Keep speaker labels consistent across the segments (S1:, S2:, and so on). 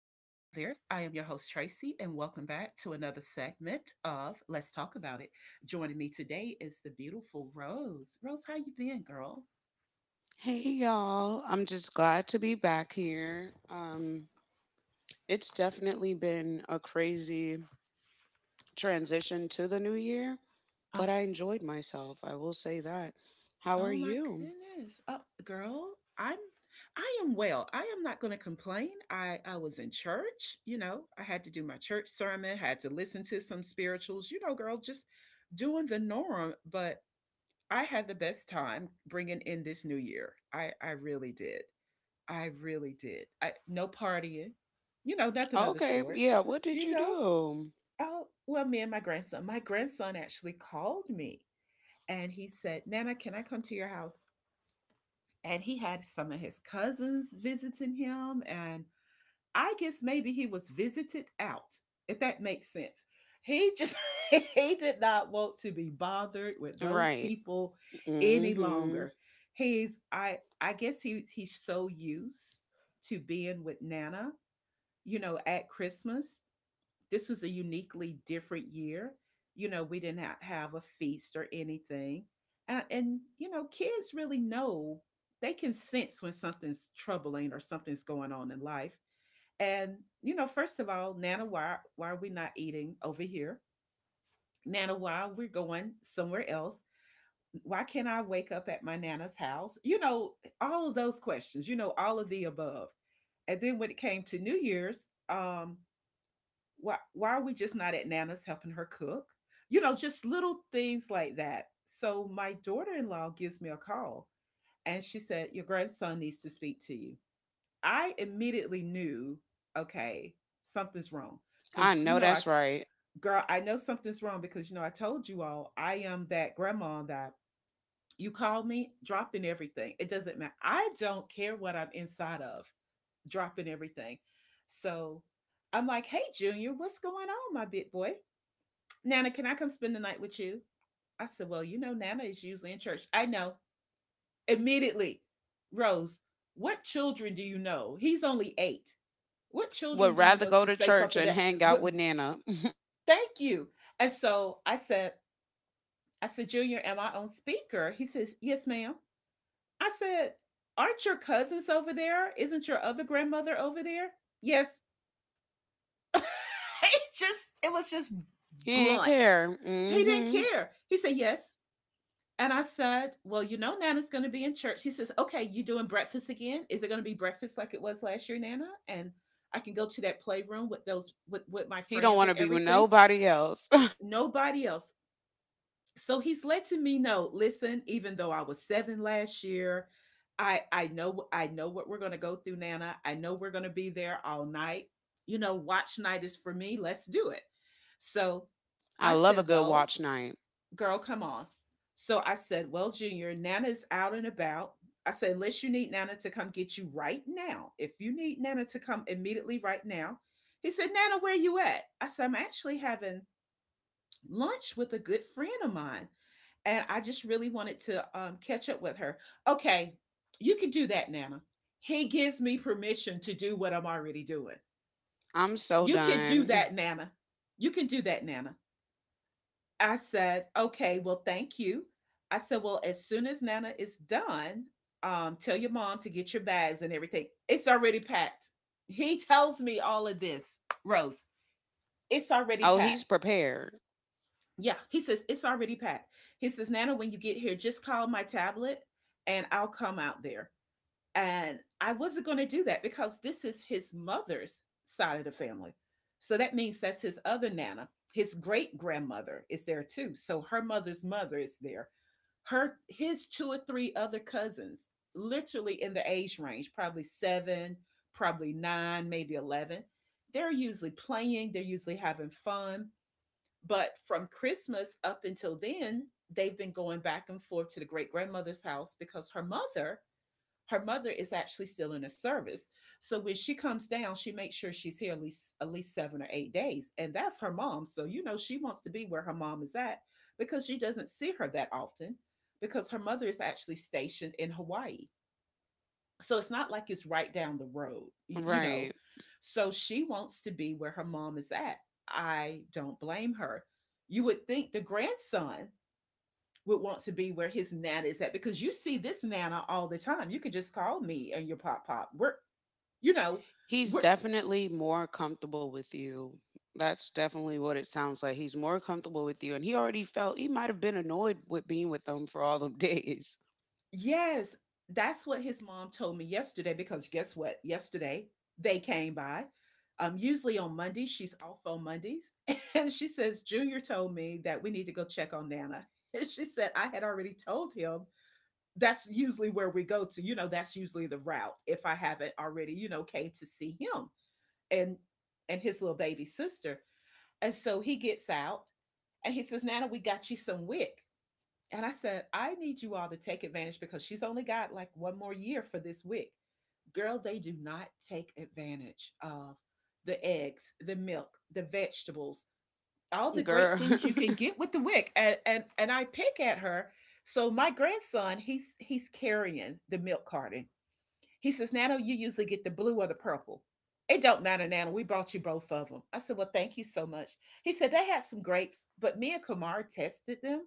S1: there. I am your host, Tracy, and welcome back to another segment of Let's Talk About It. Joining me today is the beautiful Rose. Rose, how you been, girl?
S2: Hey y'all, I'm just glad to be back here. It's definitely been a crazy transition to the new year, but
S1: Oh,
S2: I enjoyed myself. I will say that. How are
S1: oh my
S2: you?
S1: goodness. Oh, girl, I am well. I am not going to complain. I was in church, you know. I had to do my church sermon, had to listen to some spirituals, you know, girl, just doing the norm, but I had the best time bringing in this new year. I really did. I really did. I no partying, you know, nothing of the
S2: Okay,
S1: sort.
S2: yeah, what did
S1: You
S2: you
S1: know,
S2: do?
S1: oh well, me and my grandson. My grandson actually called me and he said, "Nana, can I come to your house?" And he had some of his cousins visiting him, and I guess maybe he was visited out, if that makes sense. He just he did not want to be bothered with those
S2: Right.
S1: people any
S2: Mhm.
S1: longer. He's I guess he's so used to being with Nana, you know, at Christmas. This was a uniquely different year. You know, we did not have a feast or anything. And you know, kids really know they can sense when something's troubling or something's going on in life and you know, first of all, Nana, why are we not eating over here? Nana, why we're going somewhere else? Why can't I wake up at my Nana's house? You know, all of those questions. You know, all of the above. And then when it came to New Year's, why are we just not at Nana's helping her cook? You know, just little things like that. So my daughter-in-law gives me a call and she said, Your grandson needs to speak to you. I immediately knew, okay, something's wrong.
S2: I
S1: Cause you
S2: know
S1: know, I
S2: that's right.
S1: girl, I know something's wrong because you know, I told you all I am that grandma that you call me dropping everything. It doesn't matter. I don't care what I'm inside of, dropping everything. So I'm like, hey Junior, what's going on, my big boy? Nana, can I come spend the night with you? I said, Well, you know, Nana is usually in church. I know. Immediately, Rose, what children do you know? He's only eight. What children
S2: Would
S1: do you
S2: rather
S1: know
S2: go
S1: to
S2: to
S1: say
S2: church
S1: something
S2: and
S1: that
S2: hang out
S1: what
S2: with Nana.
S1: thank you. And so I said, I said, Junior, am I on speaker? He says, yes ma'am. I said, aren't your cousins over there? Isn't your other grandmother over there? Yes. it just it was just
S2: He ain't
S1: blunt.
S2: care.
S1: He didn't
S2: Mhm.
S1: care. He said, yes. And I said, well, you know, Nana's going to be in church. He says, okay, you doing breakfast again? Is it going to be breakfast like it was last year, Nana? And I can go to that playroom with my
S2: He don't
S1: friends
S2: want to
S1: and
S2: be with
S1: everything.
S2: nobody else.
S1: Nobody else. So he's letting me know, listen, even though I was 7 last year, I know I know what we're going to go through, Nana. I know we're going to be there all night. You know, watch night is for me. Let's do it. So
S2: I
S1: I
S2: love a
S1: said,
S2: good
S1: "Well,
S2: watch night.
S1: girl, come on." So I said, "Well, Junior, Nana's out and about." I said, "Unless you need Nana to come get you right now. If you need Nana to come immediately right now." He said, "Nana, where you at?" I said, "I'm actually having lunch with a good friend of mine." And I just really wanted to catch up with her. Okay, you can do that, Nana. He gives me permission to do what I'm already doing.
S2: I'm so
S1: You can do
S2: done.
S1: that, Nana. You can do that, Nana. I said, okay, well, thank you. I said, well, as soon as Nana is done, tell your mom to get your bags and everything. It's already packed. He tells me all of this, Rose. It's already
S2: Oh, he's
S1: packed.
S2: prepared.
S1: Yeah, he says, it's already packed. He says, Nana, when you get here, just call my tablet and I'll come out there. And I wasn't going to do that because this is his mother's side of the family. So that means that's his other Nana. His great grandmother is there too. So her mother's mother is there. Her his two or three other cousins, literally in the age range, probably seven, probably 9, maybe 11. They're usually playing, they're usually having fun, but from Christmas up until then, they've been going back and forth to the great grandmother's house because her mother is actually still in the service. So when she comes down, she makes sure she's here at least 7 or 8 days, and that's her mom. So you know she wants to be where her mom is at because she doesn't see her that often because her mother is actually stationed in Hawaii. So it's not like it's right down the road, you know.
S2: Right.
S1: So she wants to be where her mom is at. I don't blame her. You would think the grandson would want to be where his nana is at because you see this nana all the time. You could just call me and your pop pop. We're, you know,
S2: He's
S1: we're
S2: definitely more comfortable with you. That's definitely what it sounds like. He's more comfortable with you. And he already felt he might have been annoyed with being with them for all them days.
S1: yes, that's what his mom told me yesterday because guess what? Yesterday they came by. Usually on Mondays, she's off on Mondays. And she says, Junior told me that we need to go check on Nana. And she said, I had already told him that's usually where we go to. You know, that's usually the route if I haven't already, you know, came to see him and and his little baby sister. And so he gets out and he says, Nana, we got you some wick. And I said, I need you all to take advantage because she's only got like one more year for this wick. Girl, they do not take advantage of the eggs, the milk, the vegetables, all the great
S2: Girl.
S1: things you can get with the wick. And I pick at her. So my grandson, he's carrying the milk carton. He says, Nana, you usually get the blue or the purple. It don't matter, Nana. We brought you both of them. I said, Well, thank you so much. He said, They had some grapes, but me and Kamar tested them,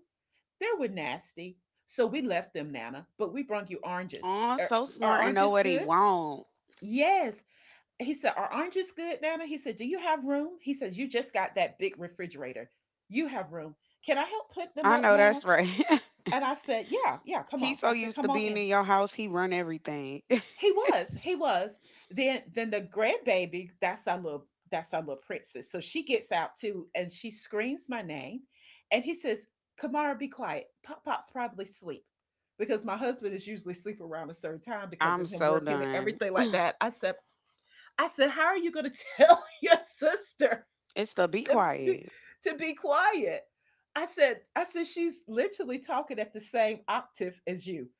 S1: they were nasty. So we left them, Nana, but we brought you oranges.
S2: Oh, so
S1: Are
S2: smart and know
S1: oranges
S2: what he
S1: good?
S2: want.
S1: Yes. He said, Are oranges good, Nana? He said, Do you have room? He says, You just got that big refrigerator. You have room. Can I help put them
S2: I
S1: up,
S2: know
S1: Nana?
S2: that's right.
S1: And I said, Yeah, yeah, come on.
S2: He's so
S1: I said,
S2: used to
S1: Come on
S2: being
S1: in.
S2: in your house, he run everything.
S1: He was. He was. Then the grandbaby, that's our little princess. So she gets out too and she screams my name. And he says, Kamara, be quiet. Pop Pop's probably asleep. Because my husband is usually asleep around a certain time because
S2: I'm
S1: of him
S2: so
S1: working and
S2: done.
S1: everything like that. I said, how are you gonna tell your sister
S2: It's the be
S1: to be,
S2: quiet.
S1: to be quiet. I said, she's literally talking at the same octave as you.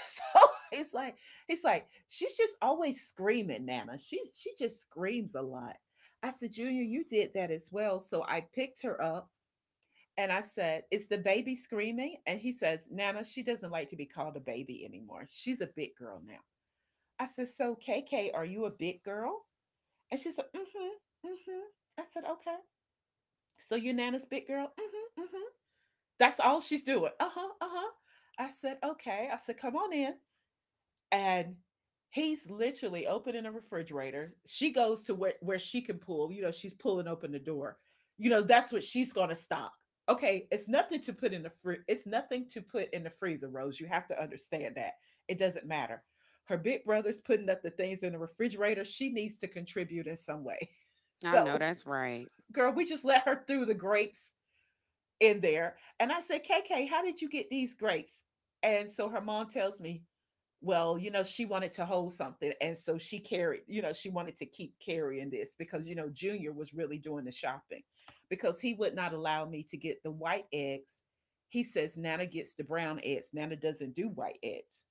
S1: And so it's like, she's just always screaming, Nana. She just screams a lot. I said, Junior, you did that as well. So I picked her up and I said, Is the baby screaming? And he says, Nana, she doesn't like to be called a baby anymore. She's a big girl now. I said, So K K, are you a big girl? And she said, Mm-hmm. Mm-hmm. I said, Okay. So your nana's big girl? Mm-hmm, mm-hmm. That's all she's doing. Uh-huh, uh-huh. I said, okay. I said, come on in. And he's literally opening a refrigerator. She goes to where she can pull. You know, she's pulling open the door. You know, that's what she's gonna stock. Okay, it's nothing to put in the freezer, Rose. You have to understand that. It doesn't matter. Her big brother's putting up the things in the refrigerator. She needs to contribute in some way.
S2: I know
S1: So,
S2: that's right.
S1: girl, we just let her through the grapes in there. And I said, KK, how did you get these grapes? And so her mom tells me, well, you know, she wanted to hold something. And so she carried, you know, she wanted to keep carrying this because, you know, Junior was really doing the shopping because he would not allow me to get the white eggs. He says Nana gets the brown eggs. Nana doesn't do white eggs.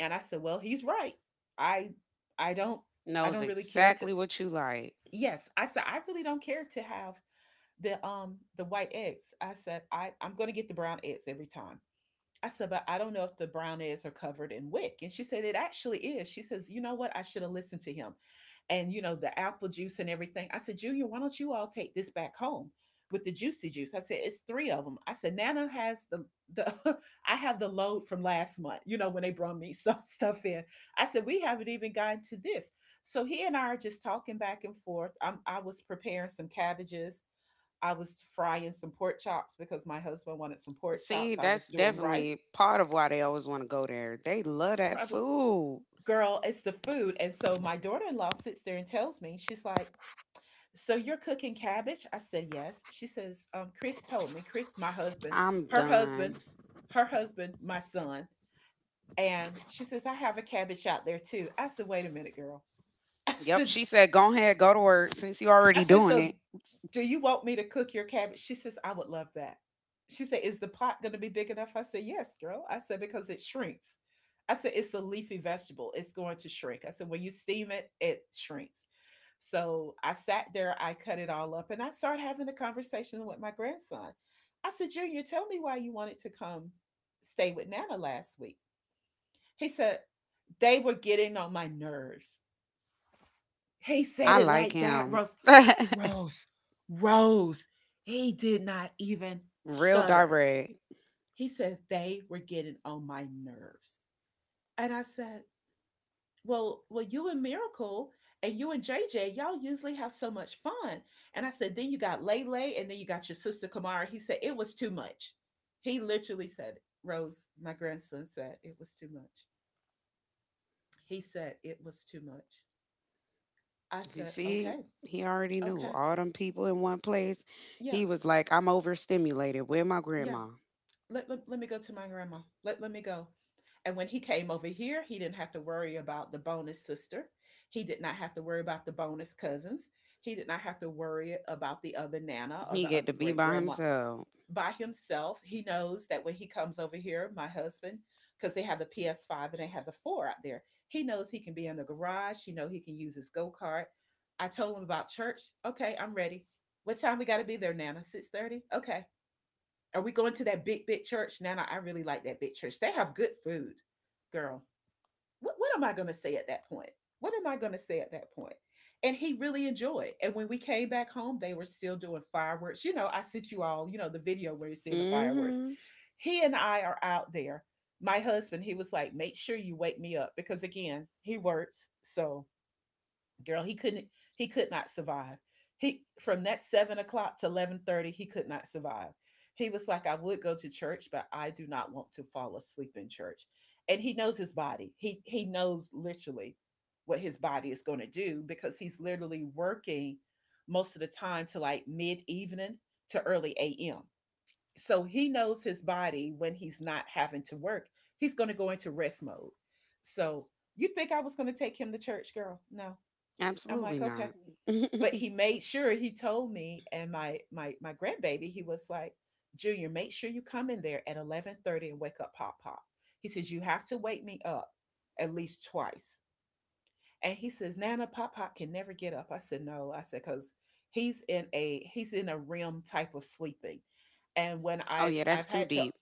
S1: And I said, well, he's right. I, I don't, I
S2: Knows
S1: don't really care to,
S2: exactly what you like.
S1: yes. I said, I really don't care to have the white eggs. I said I'm going to get the brown eggs every time. I said, but I don't know if the brown eggs are covered in wick. And she said it actually is. She says, you know what? I should have listened to him. And you know the apple juice and everything. I said, Junior, why don't you all take this back home? With the juicy juice, I said it's three of them. I said Nana has the the I have the load from last month. You know when they brought me some stuff in, I said we haven't even gotten to this. So he and I are just talking back and forth. I was preparing some cabbages. I was frying some pork chops because my husband wanted some pork
S2: See,
S1: chops. I
S2: that's
S1: was doing rice.
S2: definitely part of why they always want to go there. They love that
S1: Probably,
S2: food.
S1: girl, it's the food. And so my daughter in law sits there and tells me, she's like, so you're cooking cabbage? I said, yes. She says, Chris told me, Chris, my husband,
S2: I'm
S1: her
S2: done.
S1: husband, her husband, my son. And she says, I have a cabbage out there too. I said, wait a minute, girl. I
S2: Yep,
S1: said,
S2: she said, go ahead, go to work since you
S1: I
S2: already
S1: said,
S2: doing
S1: so
S2: it.
S1: do you want me to cook your cabbage? She says, I would love that. She said, is the pot going to be big enough? I said, yes, girl. I said, because it shrinks. I said, it's a leafy vegetable. It's going to shrink. I said, when you steam it, it shrinks. So I sat there, I cut it all up, and I started having a conversation with my grandson. I said, Junior, tell me why you wanted to come stay with Nana last week. He said, they were getting on my nerves. He said
S2: I
S1: it
S2: like
S1: like that,
S2: him.
S1: Rose. Rose, Rose, he did not even
S2: Real
S1: stutter.
S2: direct.
S1: He said they were getting on my nerves. And I said, Well, you and Miracle and you and JJ, y'all usually have so much fun. And I said, then you got Lele and then you got your sister Kamara. He said, it was too much. He literally said, Rose, my grandson said, it was too much. He said, it was too much. I
S2: You
S1: said,
S2: see,
S1: okay,
S2: he already knew
S1: okay,
S2: all them people in one place.
S1: yeah,
S2: He was like, I'm overstimulated. Where my
S1: yeah.
S2: grandma?
S1: Let me go to my grandma. Let me go. And when he came over here, he didn't have to worry about the bonus sister. He did not have to worry about the bonus cousins. He did not have to worry about the other Nana or
S2: He
S1: the
S2: get
S1: other
S2: to be
S1: great
S2: by
S1: grandma.
S2: himself.
S1: By himself, he knows that when he comes over here, my husband, because they have the PS5 and they have the four out there, he knows he can be in the garage. He know he can use his go kart. I told him about church. Okay, I'm ready. What time we got to be there, Nana? 6:30. Okay. Are we going to that big big church, Nana? I really like that big church. They have good food, girl. What am I going to say at that point? What am I going to say at that point? And he really enjoyed. And when we came back home, they were still doing fireworks. You know, I sent you all, you know, the video where you're seeing the fireworks.
S2: Mm-hmm.
S1: He and I are out there. My husband, he was like, make sure you wake me up because again, he works. So girl he could not survive. He from that 7 o'clock to 11:30 he could not survive. He was like, I would go to church but I do not want to fall asleep in church. And he knows his body. He knows literally what his body is going to do because he's literally working most of the time to like mid evening to early am. So he knows his body. When he's not having to work, he's going to go into rest mode. So you think I was going to take him to church? Girl, no. I'm
S2: Absolutely
S1: like, okay.
S2: not.
S1: But he made sure he told me and my grandbaby, he was like, Junior, make sure you come in there at 11:30 and wake up Pop Pop. He says, you have to wake me up at least twice. And he says, Nana, Pop Pop can never get up. I said, no. I said, because he's in a REM type of sleeping. And when
S2: Oh
S1: I've
S2: yeah, that's
S1: I've
S2: too
S1: had to,
S2: deep.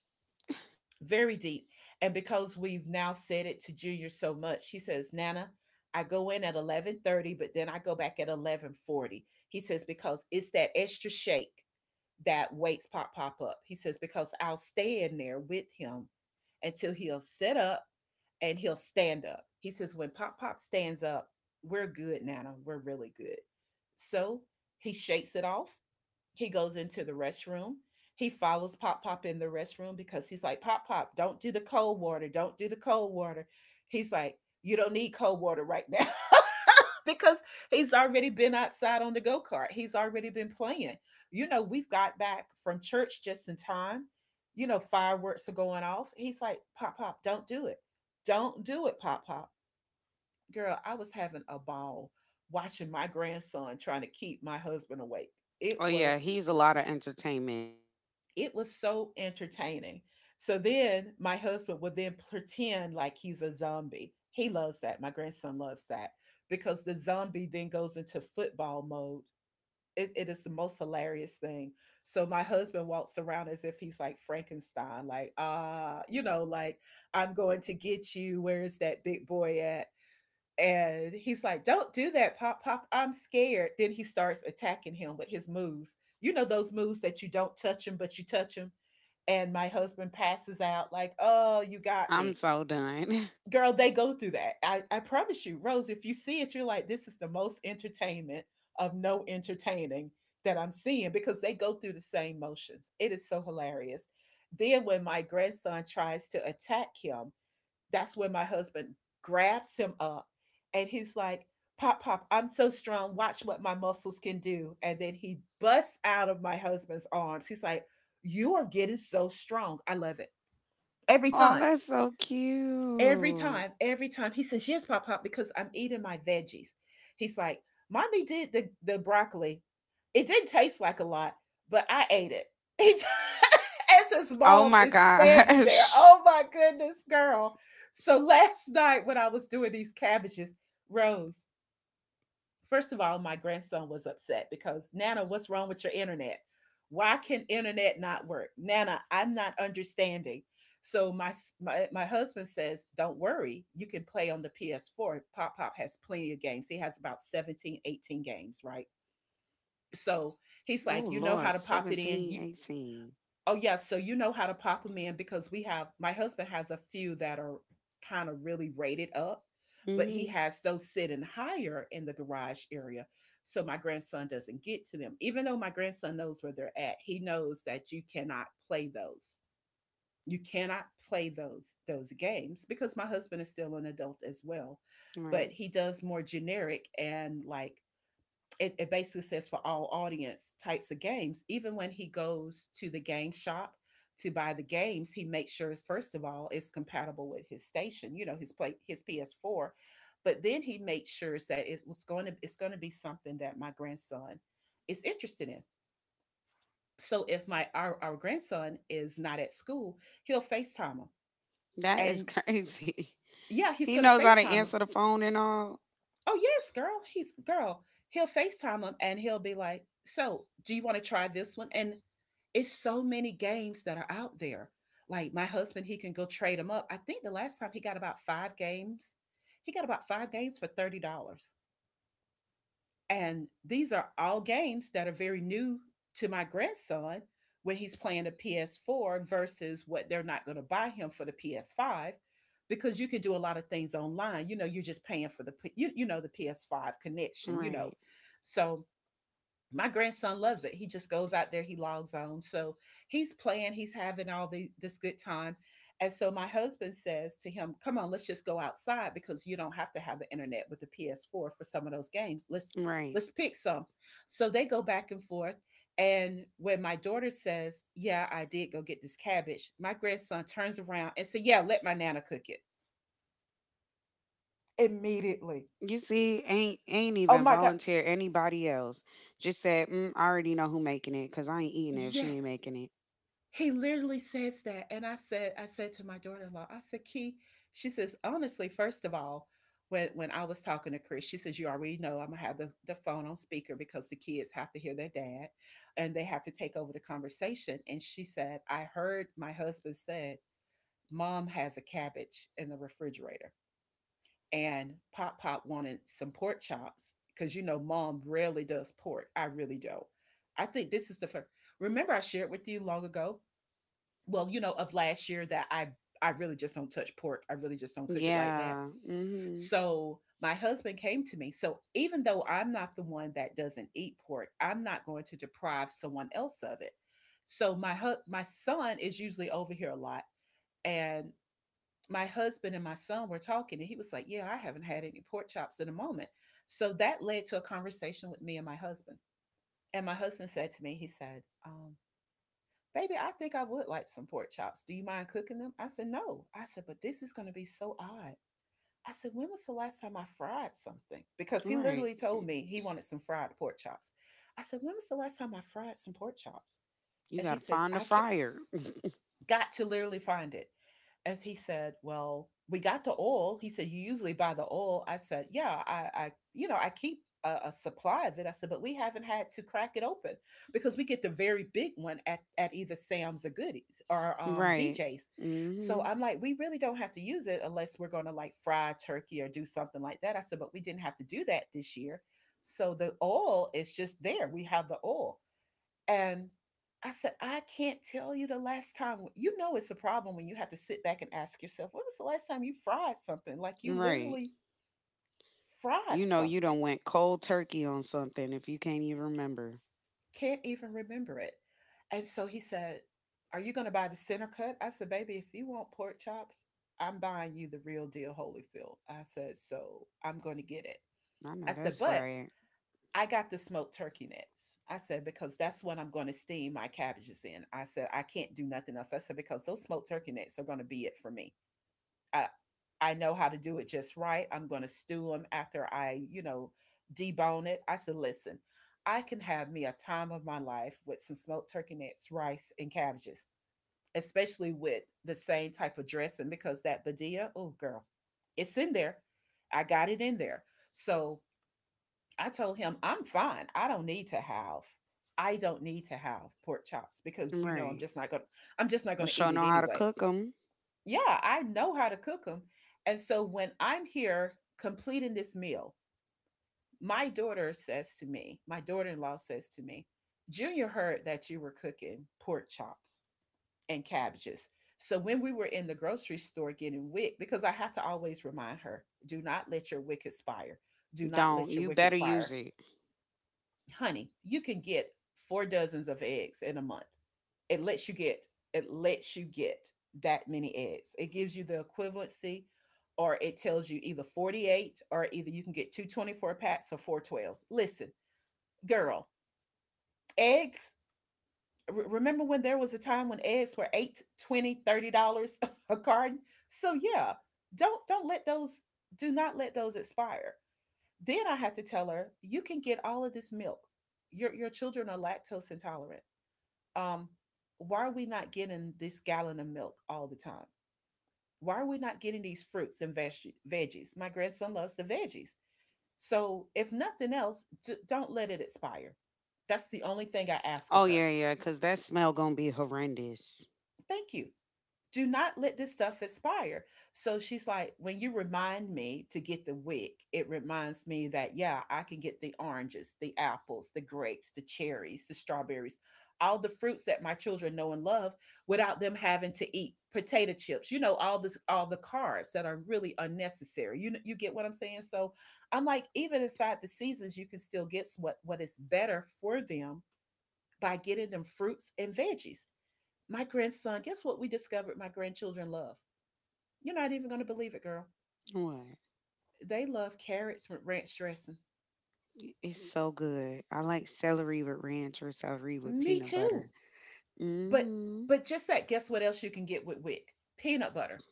S1: very deep. And because we've now said it to Junior so much, she says, Nana, I go in at 11:30, but then I go back at 11:40. He says because it's that extra shake that wakes Pop Pop up. He says because I'll stay in there with him until he'll sit up and he'll stand up. He says when Pop Pop stands up, we're good, Nana. We're really good. So he shakes it off. He goes into the restroom. He follows Pop Pop in the restroom because he's like, Pop Pop, don't do the cold water. Don't do the cold water. He's like, you don't need cold water right now. Because he's already been outside on the go kart. He's already been playing. You know, we've got back from church just in time. You know, fireworks are going off. He's like, Pop Pop, don't do it. Don't do it, Pop Pop. Girl, I was having a ball watching my grandson trying to keep my husband awake.
S2: Oh
S1: It
S2: yeah,
S1: was
S2: he's a lot of entertainment.
S1: It was so entertaining. So then my husband would then pretend like he's a zombie. He loves that. My grandson loves that because the zombie then goes into football mode. It is the most hilarious thing. So my husband walks around as if he's like Frankenstein, like, you know, like, I'm going to get you. Where is that big boy at? And he's like, don't do that, Pop Pop. I'm scared. Then he starts attacking him with his moves. You know, those moves that you don't touch him, but you touch him and my husband passes out like, oh, you got
S2: I'm
S1: me.
S2: so done.
S1: Girl, they go through that. I promise you, Rose, if you see it, you're like, this is the most entertainment of no entertaining that I'm seeing because they go through the same motions. It is so hilarious. Then when my grandson tries to attack him, that's when my husband grabs him up and he's like, Pop, pop, I'm so strong. Watch what my muscles can do. And then he busts out of my husband's arms. He's like, you are getting so strong. I love it. Every
S2: Oh,
S1: time,
S2: that's so
S1: every
S2: cute.
S1: time, every time. He says, yes, Pop Pop, because I'm eating my veggies. He's like, Mommy did the broccoli. It didn't taste like a lot, but I ate it. He t- As his
S2: Oh
S1: mom
S2: my
S1: is standing there,
S2: gosh.
S1: oh my goodness, girl. So last night when I was doing these cabbages, Rose, first of all, my grandson was upset because Nana, what's wrong with your internet? Why can internet not work? Nana, I'm not understanding. So my husband says, "Don't worry, you can play on the PS4. Pop Pop has plenty of games. He has about 17, 18 games, right?" So he's
S2: Oh
S1: like, "You know how
S2: Lord,
S1: to pop it in.
S2: 17, 18.
S1: Oh, yeah. So you know how to pop them in because we have my husband has a few that are kind of really rated up, but he
S2: Mm-hmm.
S1: has those sitting higher in the garage area. So my grandson doesn't get to them. Even though my grandson knows where they're at, he knows that you cannot play those. You cannot play those games because my husband is still an adult as well. But
S2: Right.
S1: he does more generic and like it basically says for all audience types of games. Even when he goes to the game shop to buy the games, he makes sure first of all it's compatible with his station, you know, his PS4. But then he makes sure that it's going to be something that my grandson is interested in. So if our grandson is not at school, he'll FaceTime him.
S2: That is
S1: And
S2: crazy.
S1: yeah, he's
S2: He
S1: going to
S2: knows how to
S1: FaceTime him.
S2: answer the phone and all.
S1: Oh yes, girl. He's girl. He'll FaceTime him and he'll be like, "So, do you want to try this one?" And it's so many games that are out there. Like my husband, he can go trade them up. I think the last time he got about five games. He got about five games for $30. And these are all games that are very new to my grandson when he's playing a PS4 versus what they're not going to buy him for the PS5 because you can do a lot of things online. You know, you're just paying for you know the PS5 connection, you know.
S2: Right.
S1: So my grandson loves it. He just goes out there, he logs on. So he's playing, he's having this good time. And so my husband says to him, Come on, let's just go outside because you don't have to have the internet with the PS4 for some of those games. Let's
S2: Right.
S1: let's pick some. So they go back and forth. And when my daughter says, Yeah, I did go get this cabbage, my grandson turns around and says, Yeah, let my nana cook it. Immediately.
S2: You see, ain't ain't
S1: Oh
S2: even
S1: my God.
S2: volunteer anybody else. Just said, mm, I already know who making it because I ain't eating it if she ain't
S1: Yes.
S2: making it.
S1: He literally says that. And I said to my daughter-in-law, I said, Key, she says, honestly, first of all, when I was talking to Chris, she says, You already know I'm gonna have the phone on speaker because the kids have to hear their dad and they have to take over the conversation. And she said, I heard my husband said, Mom has a cabbage in the refrigerator. And Pop Pop wanted some pork chops because you know, mom rarely does pork. I really don't. I think this is the first. Remember, I shared with you long ago well, you know, of last year that I really just don't touch pork. I really just don't cook it like that.
S2: Yeah. Mm-hmm.
S1: So my husband came to me. So even though I'm not the one that doesn't eat pork, I'm not going to deprive someone else of it. So my son is usually over here a lot, and my husband and my son were talking, and he was like, Yeah, I haven't had any pork chops in a moment. So that led to a conversation with me and my husband. And my husband said to me, he said, baby, I think I would like some pork chops. Do you mind cooking them? I said, no. I said, but this is going to be so odd. I said, when was the last time I fried something? Because he
S2: Right.
S1: literally told me he wanted some fried pork chops. I said, when was the last time I fried some pork chops?
S2: You
S1: And he
S2: gotta
S1: says,
S2: find the
S1: I can't,
S2: fryer.
S1: got to literally find it as he said, Well, we got the oil. He said, You usually buy the oil. I said, Yeah, I you know, I keep a supply of it. I said, But we haven't had to crack it open because we get the very big one at either Sam's or Goodies or
S2: Right.
S1: BJ's. So
S2: Mm-hmm.
S1: I'm like, We really don't have to use it unless we're going to like fry turkey or do something like that. I said, But we didn't have to do that this year. So the oil is just there. We have the oil. And I said, I can't tell you the last time. You know, it's a problem when you have to sit back and ask yourself, when was the last time you fried something? Like you
S2: Right.
S1: literally
S2: You
S1: fried
S2: know you
S1: something,
S2: done went cold turkey on something if you can't even remember.
S1: can't even remember it. And so he said, Are you going to buy the center cut? I said, Baby, if you want pork chops, I'm buying you the real deal Holyfield. I said, So I'm going to get it.
S2: I
S1: I
S2: know
S1: said,
S2: that's
S1: But
S2: right.
S1: I got the smoked turkey necks. I said, because that's what I'm going to steam my cabbages in. I said, I can't do nothing else. I said, because those smoked turkey necks are going to be it for me. I, I know how to do it just right. I'm going to stew them after I, you know, debone it. I said, listen, I can have me a time of my life with some smoked turkey necks, rice, and cabbages, especially with the same type of dressing because that Badia, oh, girl, it's in there. I got it in there. So I told him, I'm fine. I don't need to have pork chops because you know
S2: Right.
S1: I'm just not
S2: But
S1: gonna eat
S2: sure
S1: it
S2: know how to
S1: anyway.
S2: cook them.
S1: Yeah, I know how to cook them, and so when I'm here completing this meal, my daughter says to me, my daughter-in-law says to me, Junior heard that you were cooking pork chops and cabbages. So when we were in the grocery store getting wick, because I have to always remind her, do not let your wick expire. Do not
S2: Don't.
S1: let your
S2: You
S1: wick
S2: better use
S1: expire
S2: it.
S1: honey, you can get four dozens of eggs in a month. It lets you get it lets you get that many eggs. It gives you the equivalency or it tells you either 48 or either you can get two 24 packs or four twelves. Listen, girl, eggs remember when there was a time when eggs were 8, 20, $30 a carton, so yeah, don't let those, do not let those expire. Then I had to tell her you can get all of this milk. Your children are lactose intolerant. um, why are we not getting this gallon of milk all the time? Why are we not getting these fruits and veggies? My grandson loves the veggies. So, if nothing else, don't let it expire. That's the only thing I ask of
S2: Oh,
S1: her.
S2: yeah, yeah, because that smell going to be horrendous.
S1: Thank you. Do not let this stuff expire. So she's like, when you remind me to get the wick, it reminds me that, yeah, I can get the oranges, the apples, the grapes, the cherries, the strawberries, all the fruits that my children know and love without them having to eat potato chips, you know, all this, all the carbs that are really unnecessary. You get what I'm saying? So I'm like, even inside the seasons, you can still get what is better for them by getting them fruits and veggies. My grandson, guess what we discovered my grandchildren love? You're not even going to believe it, girl.
S2: What?
S1: They love carrots with ranch dressing.
S2: It's so good. I like celery with ranch or celery with
S1: Me
S2: peanut butter.
S1: too. But
S2: Mm-hmm.
S1: but just that guess what else you can get with wick? Peanut butter.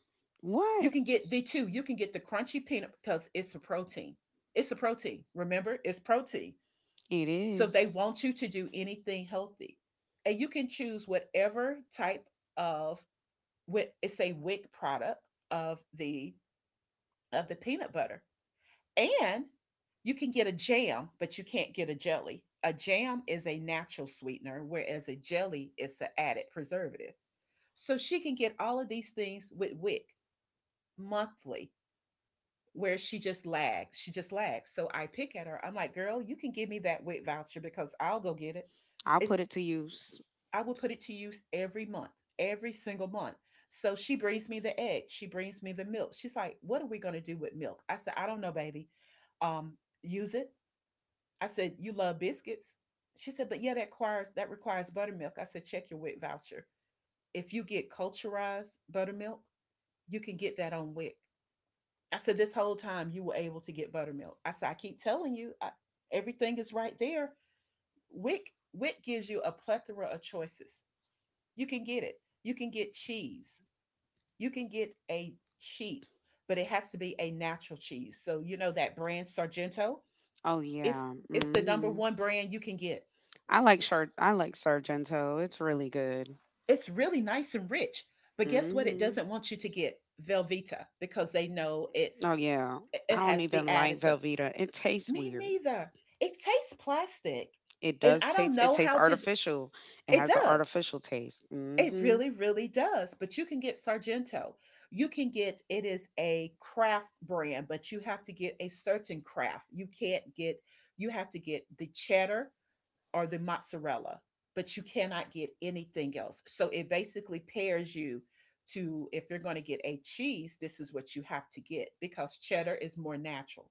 S1: You
S2: What?
S1: can get the two. You can get the crunchy peanut because it's a protein. It's a protein. Remember, it's protein.
S2: It
S1: So they
S2: is.
S1: want you to do anything healthy. And you can choose whatever type of it's a wick product of the of the peanut butter. And you can get a jam, but you can't get a jelly. A jam is a natural sweetener, whereas a jelly is an added preservative. So she can get all of these things with WIC monthly, where she just lags. She just lags. So I pick at her. I'm like, girl, you can give me that WIC voucher because I'll go get it.
S2: I'll put
S1: It's
S2: it to use.
S1: I will put it to use every month, every single month. So she brings me the egg. She brings me the milk. She's like, what are we going to do with milk? I said, I don't know, baby. Um, use it. I said, You love biscuits? She said, But yeah, that requires buttermilk. I said, check your WIC voucher. If you get culturized buttermilk, you can get that on WIC. I C. I said, this whole time you were able to get buttermilk. I said, I keep telling you, everything is right there. WIC gives you a plethora of choices. You can get it. You can get cheese. You can get a cheese, but it has to be a natural cheese. So you know that brand Sargento.
S2: Oh,
S1: It's
S2: yeah.
S1: it's the number
S2: Mm-hmm.
S1: one brand you can get.
S2: I like, char- I like Sargento. It's really good.
S1: It's really nice and rich, but guess what? It
S2: Mm-hmm.
S1: doesn't want you to get Velveeta because they know
S2: Oh
S1: it's
S2: yeah. I
S1: it
S2: don't
S1: has the
S2: even like
S1: additive.
S2: Velveeta. It tastes
S1: Me
S2: weird.
S1: neither. It tastes plastic,
S2: It
S1: and
S2: does
S1: I don't
S2: taste it
S1: know
S2: tastes
S1: how to.
S2: artificial. It
S1: It
S2: has an
S1: does.
S2: artificial taste.
S1: It
S2: Mm-hmm.
S1: really, really does. But you can get Sargento. You can get. It is a craft brand, but you have to get a certain craft. You can't get. You have to get the cheddar or the mozzarella, but you cannot get anything else. So it basically pairs you to if you're going to get a cheese, this is what you have to get because cheddar is more natural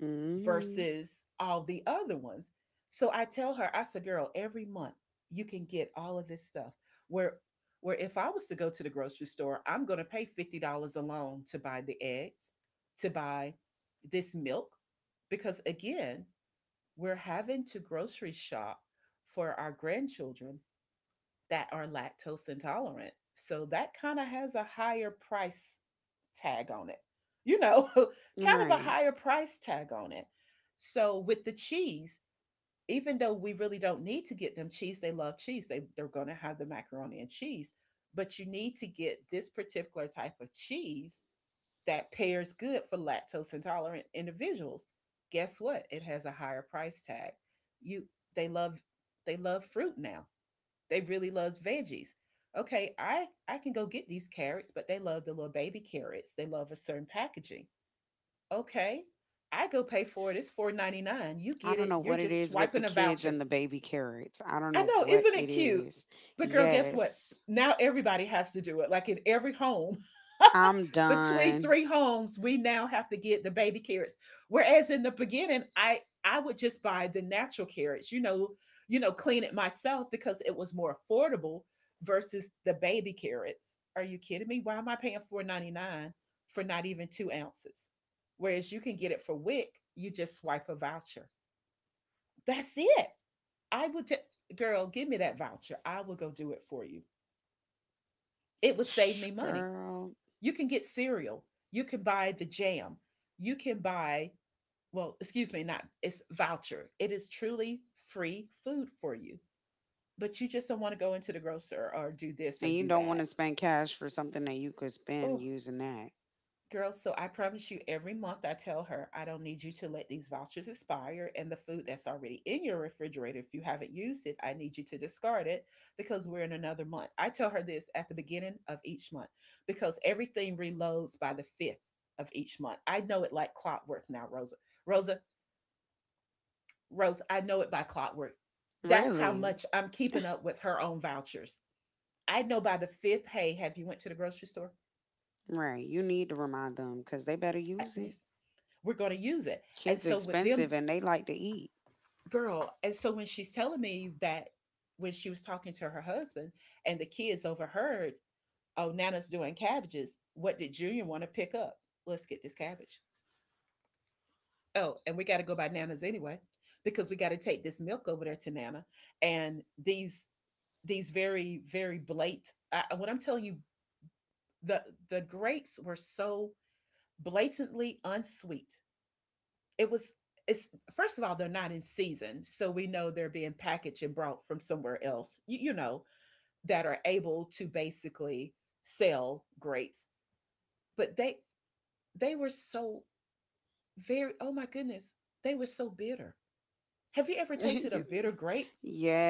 S2: Mm-hmm.
S1: versus all the other ones. So I tell her, I said, girl, every month you can get all of this stuff. Where where if I was to go to the grocery store, I'm going to pay $50 alone to buy the eggs, to buy this milk, because again, we're having to grocery shop for our grandchildren that are lactose intolerant. So that kind of has a higher price tag on it, you know, kind of a
S2: Right.
S1: higher price tag on it. So with the cheese, even though we really don't need to get them cheese, they love cheese. They're going to have the macaroni and cheese, but you need to get this particular type of cheese that pairs good for lactose intolerant individuals. Guess what? It has a higher price tag. You they love they love fruit now. They really love veggies. Okay, I can go get these carrots, but they love the little baby carrots. They love a certain packaging. Okay, I go pay for it. It's 4.99. You
S2: I
S1: get
S2: don't
S1: it.
S2: know
S1: You're
S2: what it
S1: just
S2: is with the
S1: swiping a
S2: kids
S1: voucher.
S2: and the baby carrots. I don't
S1: I
S2: know
S1: know,
S2: what
S1: isn't
S2: it
S1: it cute?
S2: is.
S1: But girl, guess
S2: Yes.
S1: what? Now everybody has to do it, like in every home,
S2: I'm
S1: between
S2: done.
S1: three homes, we now have to get the baby carrots. Whereas in the beginning, I would just buy the natural carrots, clean it myself because it was more affordable versus the baby carrots. Are you kidding me? Why am I paying 4.99 for not even 2 ounces? Whereas you can get it for WIC. You just swipe a voucher. That's it. I would, girl, give me that voucher. I will go do it for you. It would save me money.
S2: Girl.
S1: You can get cereal. You can buy the jam. You can buy, well, excuse me, not, it's voucher. It is truly free food for you. But you just don't want to go into the grocer or do this
S2: And
S1: or
S2: you
S1: do
S2: don't want
S1: that.
S2: to spend cash for something that you could spend
S1: Oh,
S2: using that.
S1: girl, so I promise you, every month I tell her I don't need you to let these vouchers expire, and the food that's already in your refrigerator, if you haven't used it, I need you to discard it because we're in another month. I tell her this at the beginning of each month because everything reloads by the 5th of each month. I know it like clockwork now, Rosa. Rosa, Rosa, I know it by clockwork. That's how
S2: Really?
S1: much I'm keeping up with her own vouchers. I know by the 5th, hey, have you went to the grocery store?
S2: Right. You need to remind them because they better
S1: I-
S2: use it.
S1: We're going to use it. And
S2: Kids
S1: so with them,
S2: expensive and they like to eat.
S1: girl, and so when she's telling me that, when she was talking to her husband and the kids overheard, oh, nana's doing cabbages, what did Junior want to pick up, let's get this cabbage, oh, and we got to go by nana's anyway because we got to take this milk over there to nana. And these very very blatant. I, when I'm telling you, the the grapes were so blatantly unsweet, it was, it's, first of all, they're not in season, so we know they're being packaged and brought from somewhere else, you know, that are able to basically sell grapes. But they were so very, oh my goodness, they were so bitter. Have you ever tasted a bitter grape?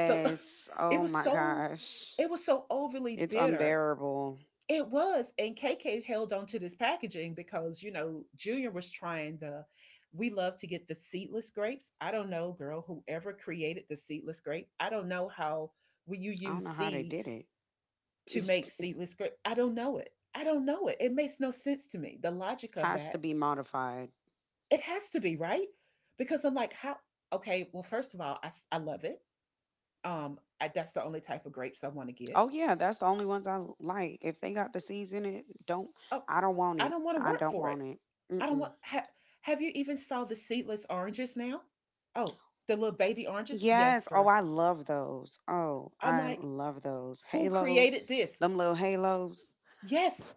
S1: So it
S2: Oh
S1: was
S2: my
S1: so,
S2: gosh.
S1: it was so overly
S2: It's
S1: bitter.
S2: unbearable.
S1: It was, and KK held on to this packaging because you know Junior was trying the. We love to get the seedless grapes. I don't know, girl, whoever created the seedless grape. I don't know how will you
S2: I
S1: use
S2: don't know how they did
S1: seeds
S2: it.
S1: to make seedless grape. I don't know it. I don't know it. It makes no sense to me. The logic of
S2: Has
S1: that.
S2: to be modified.
S1: It has to be right, because I'm like, how? Okay, well, first of all, I love it. That's the only type of grapes I want to get.
S2: Oh yeah, that's the only ones I like. If they got the seeds in it, don't
S1: Oh,
S2: I don't want
S1: I
S2: it.
S1: don't want to
S2: I
S1: work
S2: don't
S1: for it.
S2: want it.
S1: I don't
S2: Mm-mm.
S1: want. Ha, have you even saw the seedless oranges now? Oh, the little baby oranges. Yes,
S2: Yes. Oh,
S1: girl.
S2: I love those. Oh,
S1: I'm
S2: I
S1: like,
S2: love those.
S1: who
S2: Halos.
S1: created this?
S2: Them little halos.
S1: Yes,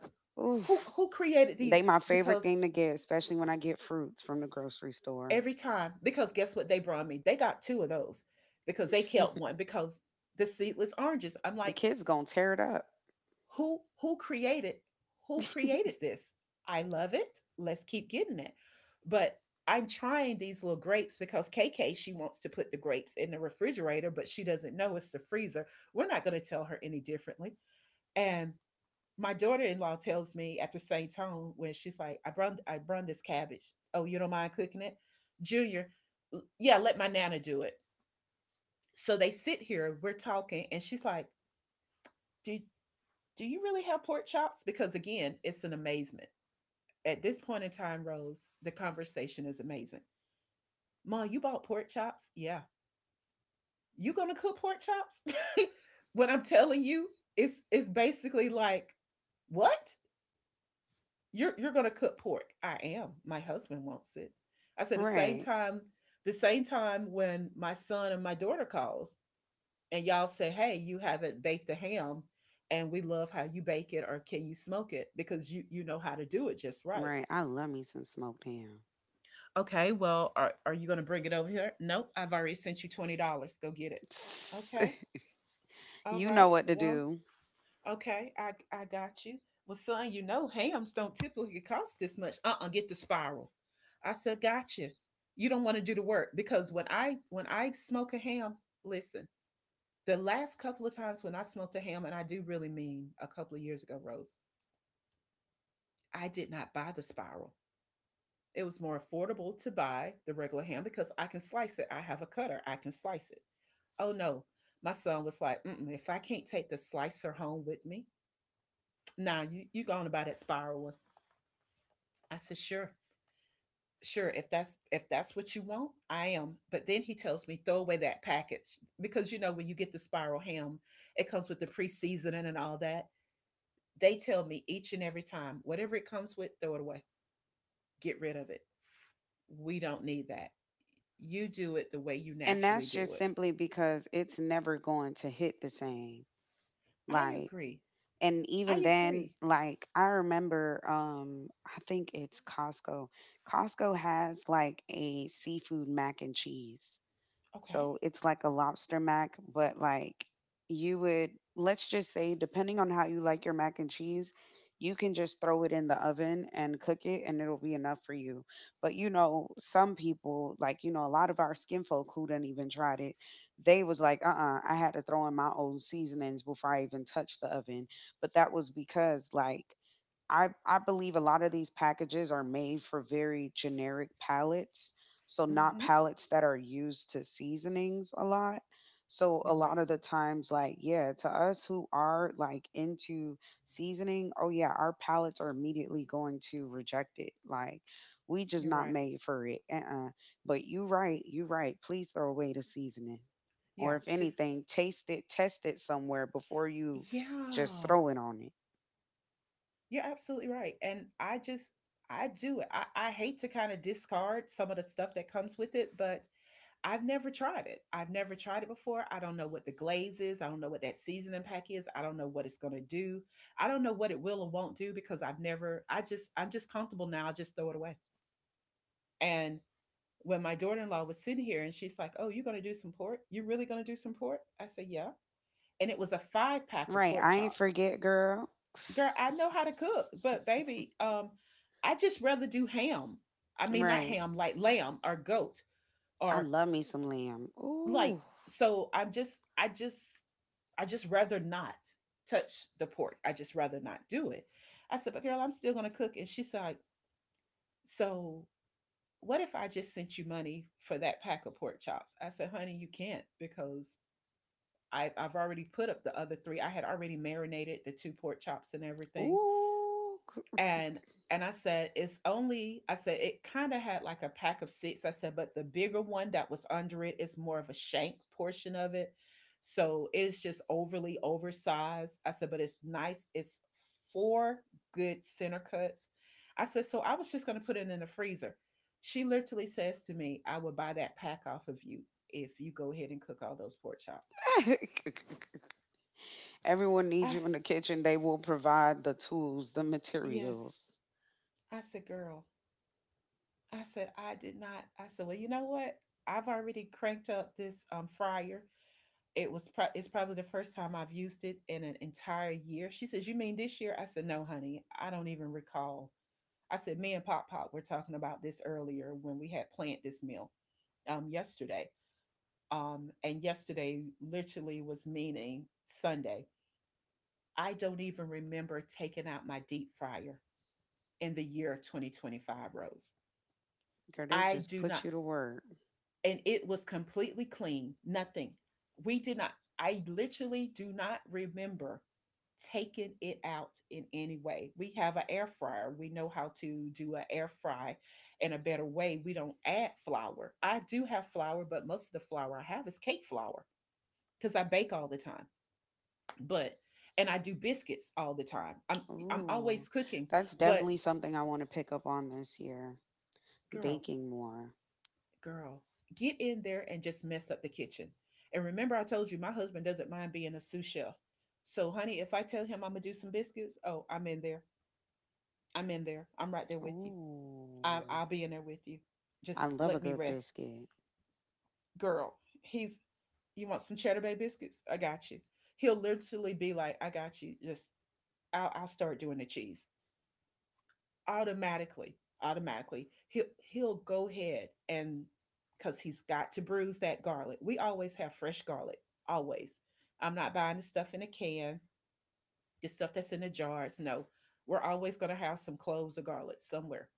S2: Oof.
S1: who created
S2: They
S1: these?
S2: my favorite
S1: Because
S2: thing to get, especially when I get fruits from the grocery store.
S1: every time, because guess what they brought me? They got two of those because they kept one because the seedless oranges. I'm
S2: The
S1: like,
S2: kids gonna tear it up.
S1: who created, who created this. I love it, let's keep getting it. But I'm trying these little grapes because KK, she wants to put the grapes in the refrigerator, but she doesn't know it's the freezer. We're not going to tell her any differently. And my daughter-in-law tells me at the same tone when she's like, I brung this cabbage, oh, you don't mind cooking it, Junior? Yeah, let my nana do it. So they sit here, we're talking, and she's like, do, do you really have pork chops? Because again, it's an amazement. At this point in time, Rose, the conversation is amazing. Ma, you bought pork chops? Yeah. You gonna cook pork chops? When I'm telling you, it's basically like, what? You're gonna cook pork? I am. My husband wants it. I said
S2: right.
S1: the same time when my son and my daughter calls, and y'all say, "Hey, you haven't baked a ham, and we love how you bake it, or can you smoke it because you know how to do it just right."
S2: Right. I love me some smoked ham.
S1: Okay, well, are you going to bring it over here? Nope, I've already sent you $20. Go get it. Okay, all
S2: You know
S1: right.
S2: what to
S1: Well,
S2: do.
S1: okay, I got you. Well, son, you know hams don't typically cost this much. Get the spiral. I said, gotcha. You don't want to do the work because when I smoke a ham, listen. The last couple of times when I smoked a ham, and I do really mean a couple of years ago, Rose, I did not buy the spiral. It was more affordable to buy the regular ham because I can slice it. I have a cutter, I can slice it. Oh no, my son was like, mm-mm, if I can't take the slicer home with me, nah, you going to buy that spiral one? I said, sure, sure. If that's what you want, I am. But then he tells me throw away that package because you know when you get the spiral ham, it comes with the pre-seasoning and all that. They tell me each and every time, whatever it comes with, throw it away, get rid of it. We don't need that. You do it the way you
S2: And
S1: naturally
S2: that's
S1: do
S2: just
S1: it.
S2: simply because it's never going to hit the same.
S1: I
S2: Like,
S1: agree.
S2: and
S1: I
S2: even then,
S1: agree.
S2: like, I remember, I think it's Costco. Costco has like a seafood mac and cheese.
S1: Okay.
S2: So it's like a lobster mac, but like you would, let's just say, depending on how you like your mac and cheese, you can just throw it in the oven and cook it and it'll be enough for you. But you know, some people, like, you know, a lot of our skin folk who didn't even tried it, they was like, I had to throw in my own seasonings before I even touched the oven. But that was because, like, I believe a lot of these packages are made for very generic palettes, so not
S1: Mm-hmm.
S2: palettes that are used to seasonings a lot. So a
S1: You're right.
S2: lot of the times like yeah, to us who are like into seasoning, oh yeah, our palettes are immediately going to reject it. Like we just
S1: You're
S2: not
S1: right.
S2: made for it. Uh-uh. But you right, you right. Please throw away the seasoning.
S1: Yeah.
S2: Or if
S1: Just,
S2: anything, taste it, test it somewhere before you just
S1: yeah.
S2: throw it on it.
S1: You're absolutely right. And I just, I do it. I hate to kind of discard some of the stuff that comes with it, but I've never tried it. I've never tried it before. I don't know what the glaze is. I don't know what that seasoning pack is. I don't know what it's going to do. I don't know what it will or won't do because I've never, I just, I'm just comfortable now. I'll just throw it away. And when my daughter in law was sitting here and she's like, oh, you're going to do some pork? You're really going to do some pork? I said, yeah. And it was a five pack of
S2: Right.
S1: pork
S2: I ain't
S1: chops.
S2: forget, girl.
S1: Girl, I know how to cook, but baby, I just rather do ham. I mean, not
S2: Right.
S1: ham, like lamb or goat
S2: I
S1: or
S2: love me some lamb.
S1: like,
S2: Ooh.
S1: so I'm just, I just, I just rather not touch the pork. I just rather not do it. I said, but girl, I'm still gonna cook. And she's like, so what if I just sent you money for that pack of pork chops? I said, honey, you can't because I've already put up the other three. I had already marinated the two pork chops and everything,
S2: Ooh.
S1: and and I said, it's only, I said, it kind of had like a pack of six. I said, but the bigger one that was under it is more of a shank portion of it. So it's just overly oversized. I said, but it's nice. It's four good center cuts. I said, so I was just going to put it in the freezer. She literally says to me, I would buy that pack off of you if you go ahead and cook all those pork chops.
S2: Everyone
S1: I,
S2: needs you in
S1: s-
S2: the kitchen. They will provide the tools, the
S1: yes.
S2: materials.
S1: I said, girl. I said, I did not. I said, well, you know what? I've already cranked up this fryer. It was it's probably the first time I've used it in an entire year. She says, you mean this year? I said, no, honey, I don't even recall. I said, me and Pop Pop were talking about this earlier when we had planned this meal yesterday. And yesterday literally was meaning Sunday. I don't even remember taking out my deep fryer in the year 2025, Rose.
S2: Girl, they
S1: I
S2: just
S1: do
S2: put
S1: not.
S2: you to work.
S1: And it was completely clean. Nothing. We did not, I literally do not remember taking it out in any way. We have an air fryer. We know how to do an air fry in a better way. We don't add flour. I do have flour, but most of the flour I have is cake flour because I bake all the time. But and I do biscuits all the time. I'm
S2: Ooh.
S1: always cooking,
S2: That's
S1: but
S2: definitely something I want to pick up on this year.
S1: girl,
S2: Baking more.
S1: girl, get in there and just mess up the kitchen. And remember, I told you my husband doesn't mind being a sous chef. So, honey, if I tell him I'm gonna do some biscuits, oh, I'm in there. I'm in there. I'm right there with you. I,
S2: Ooh.
S1: I'll be in there with you.
S2: I
S1: Just
S2: love a
S1: let me
S2: good
S1: rest,
S2: biscuit.
S1: girl. He's, you want some Cheddar Bay biscuits? I got you. He'll literally be like, I got you. I'll start doing the cheese. Automatically he'll go ahead, and because he's got to bruise that garlic. We always have fresh garlic, always. I'm not buying the stuff in a can, the stuff that's in the jars. No, we're always going to have some cloves of garlic somewhere.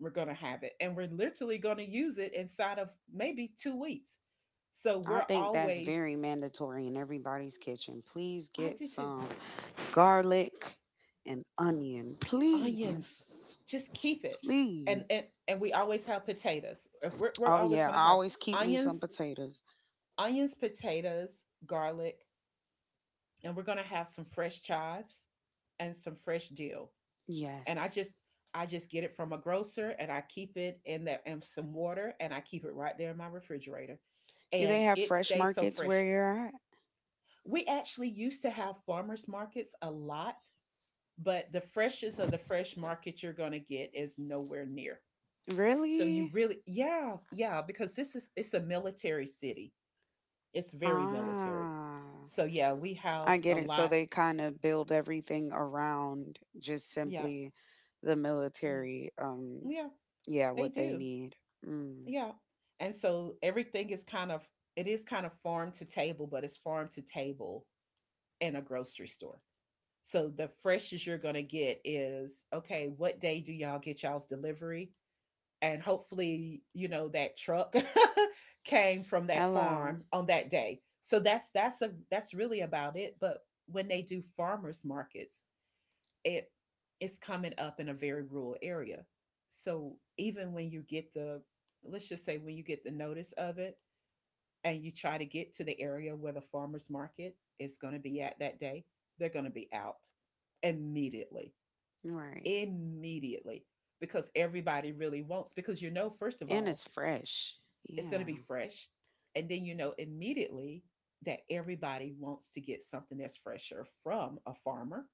S1: We're going to have it, and we're literally going to use it inside of maybe 2 weeks. So
S2: I
S1: we're
S2: think that's
S1: always.
S2: very mandatory in everybody's kitchen. Please
S1: I
S2: get
S1: do too.
S2: some. Garlic, and onion.
S1: Onions,
S2: Please,
S1: just keep it.
S2: please.
S1: And we always have potatoes. If we're, we're
S2: Oh,
S1: always
S2: yeah.
S1: going to
S2: I
S1: have
S2: always keep me some
S1: onions.
S2: potatoes.
S1: Onions, potatoes, garlic, and we're gonna have some fresh chives and some fresh dill. And
S2: Yes.
S1: I just get it from a grocer, and I keep it in that and some water, and I keep it right there in my refrigerator.
S2: Do
S1: And
S2: they have
S1: it
S2: fresh
S1: stays so
S2: markets where
S1: fresh.
S2: you're at?
S1: We actually used to have farmers markets a lot, but the freshest of the fresh market you're gonna get is nowhere near. So you
S2: Really?
S1: really Yeah, yeah, because this is it's a military city. It's very military.
S2: Ah,
S1: So yeah, we
S2: I
S1: have a
S2: get it. So
S1: lot.
S2: they kind of build everything around just
S1: Yeah,
S2: simply the
S1: yeah,
S2: military.
S1: yeah.
S2: Yeah,
S1: They
S2: what they
S1: do.
S2: need. Mm.
S1: Yeah, and so everything is it is kind of farm to table, but it's farm to table in a grocery store. So the freshest you're gonna get is okay. What day do y'all get y'all's delivery? And hopefully, you know that truck came from that
S2: Hello.
S1: farm on that day. So that's really about it. But when they do farmers markets, it it's coming up in a very rural area. So even when you get the let's just say when you get the notice of it, and you try to get to the area where the farmers market is going to be at that day, they're going to be out immediately.
S2: Right.
S1: Immediately, because everybody really wants, because you know, first of
S2: And
S1: all,
S2: it's fresh.
S1: it's going to
S2: Yeah.
S1: be fresh, and then you know immediately that everybody wants to get something that's fresher from a farmer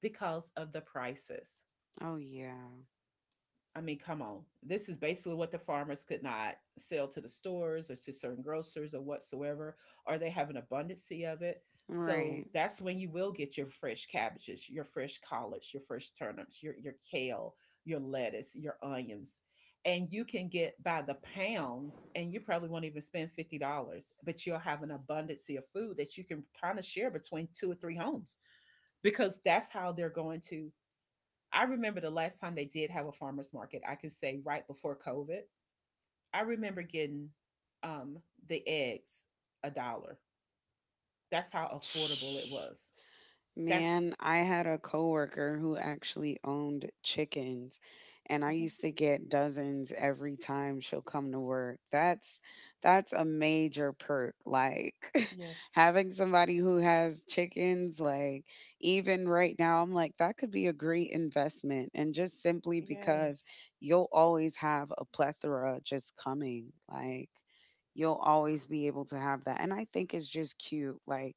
S1: because of the prices.
S2: Oh yeah.
S1: I mean, come on. This is basically what the farmers could not sell to the stores or to certain grocers or whatsoever, or they have an abundance of it. So
S2: Right.
S1: that's when you will get your fresh cabbages, your fresh collards, your fresh turnips, your kale, your lettuce, your onions. And you can get by the pounds, and you probably won't even spend $50, but you'll have an abundance of food that you can kind of share between two or three homes because that's how they're going to. I remember the last time they did have a farmer's market, I could say right before COVID. I remember getting um, the eggs a dollar. That's how affordable it was. That's
S2: Man, I had a coworker who actually owned chickens, and I
S1: Mhm.
S2: used to get dozens every time she'll come to work. That's a major perk. Like
S1: Yes,
S2: having somebody who has chickens, like even right now, I'm like that could be a great investment, and just simply because
S1: yes.
S2: you'll always have a plethora just coming. Like you'll always be able to have that, and I think it's just cute. Like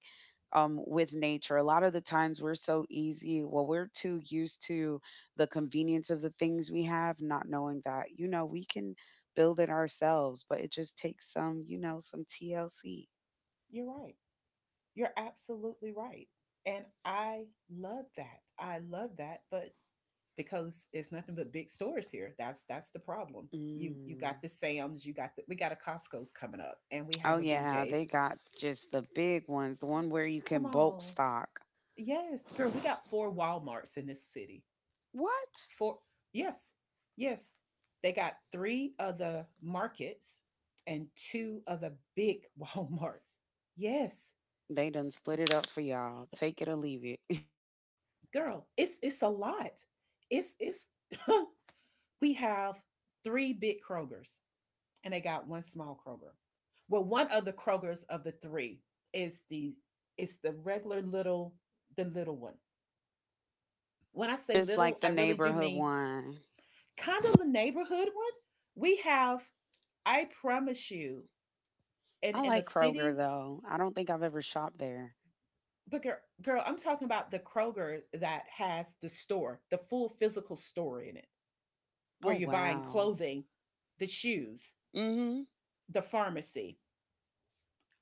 S2: with nature. A lot of the times we're so easy, well, we're too used to the convenience of the things we have, not knowing that, you know, we can build it ourselves, but it just takes some, you know, some TLC.
S1: You're right. You're absolutely right. And I love that. I love that. But because it's nothing but big stores here, that's the problem. You
S2: Mm.
S1: got the Sam's, you got the we got a Costco's coming up, and we
S2: Oh,
S1: have a
S2: yeah, they
S1: BJ's.
S2: got just the big ones, the one where you
S1: Come
S2: can bulk
S1: on.
S2: stock.
S1: Yes, girl, we got four Walmarts in this city.
S2: What?
S1: Four, yes, yes. They got three other markets and two other big Walmarts. Yes,
S2: They done split it up for y'all. Take it or leave it.
S1: girl, it's a lot. It's we have three big Krogers, and they got one small Kroger. Well, one of the Krogers of the three is the it's the regular little, the little one. When I say
S2: Just
S1: little,
S2: like the
S1: I really do
S2: neighborhood
S1: mean
S2: one.
S1: kind of the neighborhood one. We have, I promise you, in
S2: I
S1: in a
S2: like Kroger
S1: city,
S2: though. I don't think I've ever shopped there.
S1: but girl, I'm talking about the Kroger that has the store, the full physical store in it, where
S2: Oh
S1: you're buying
S2: wow.
S1: clothing, the shoes,
S2: Mm hmm.
S1: the pharmacy,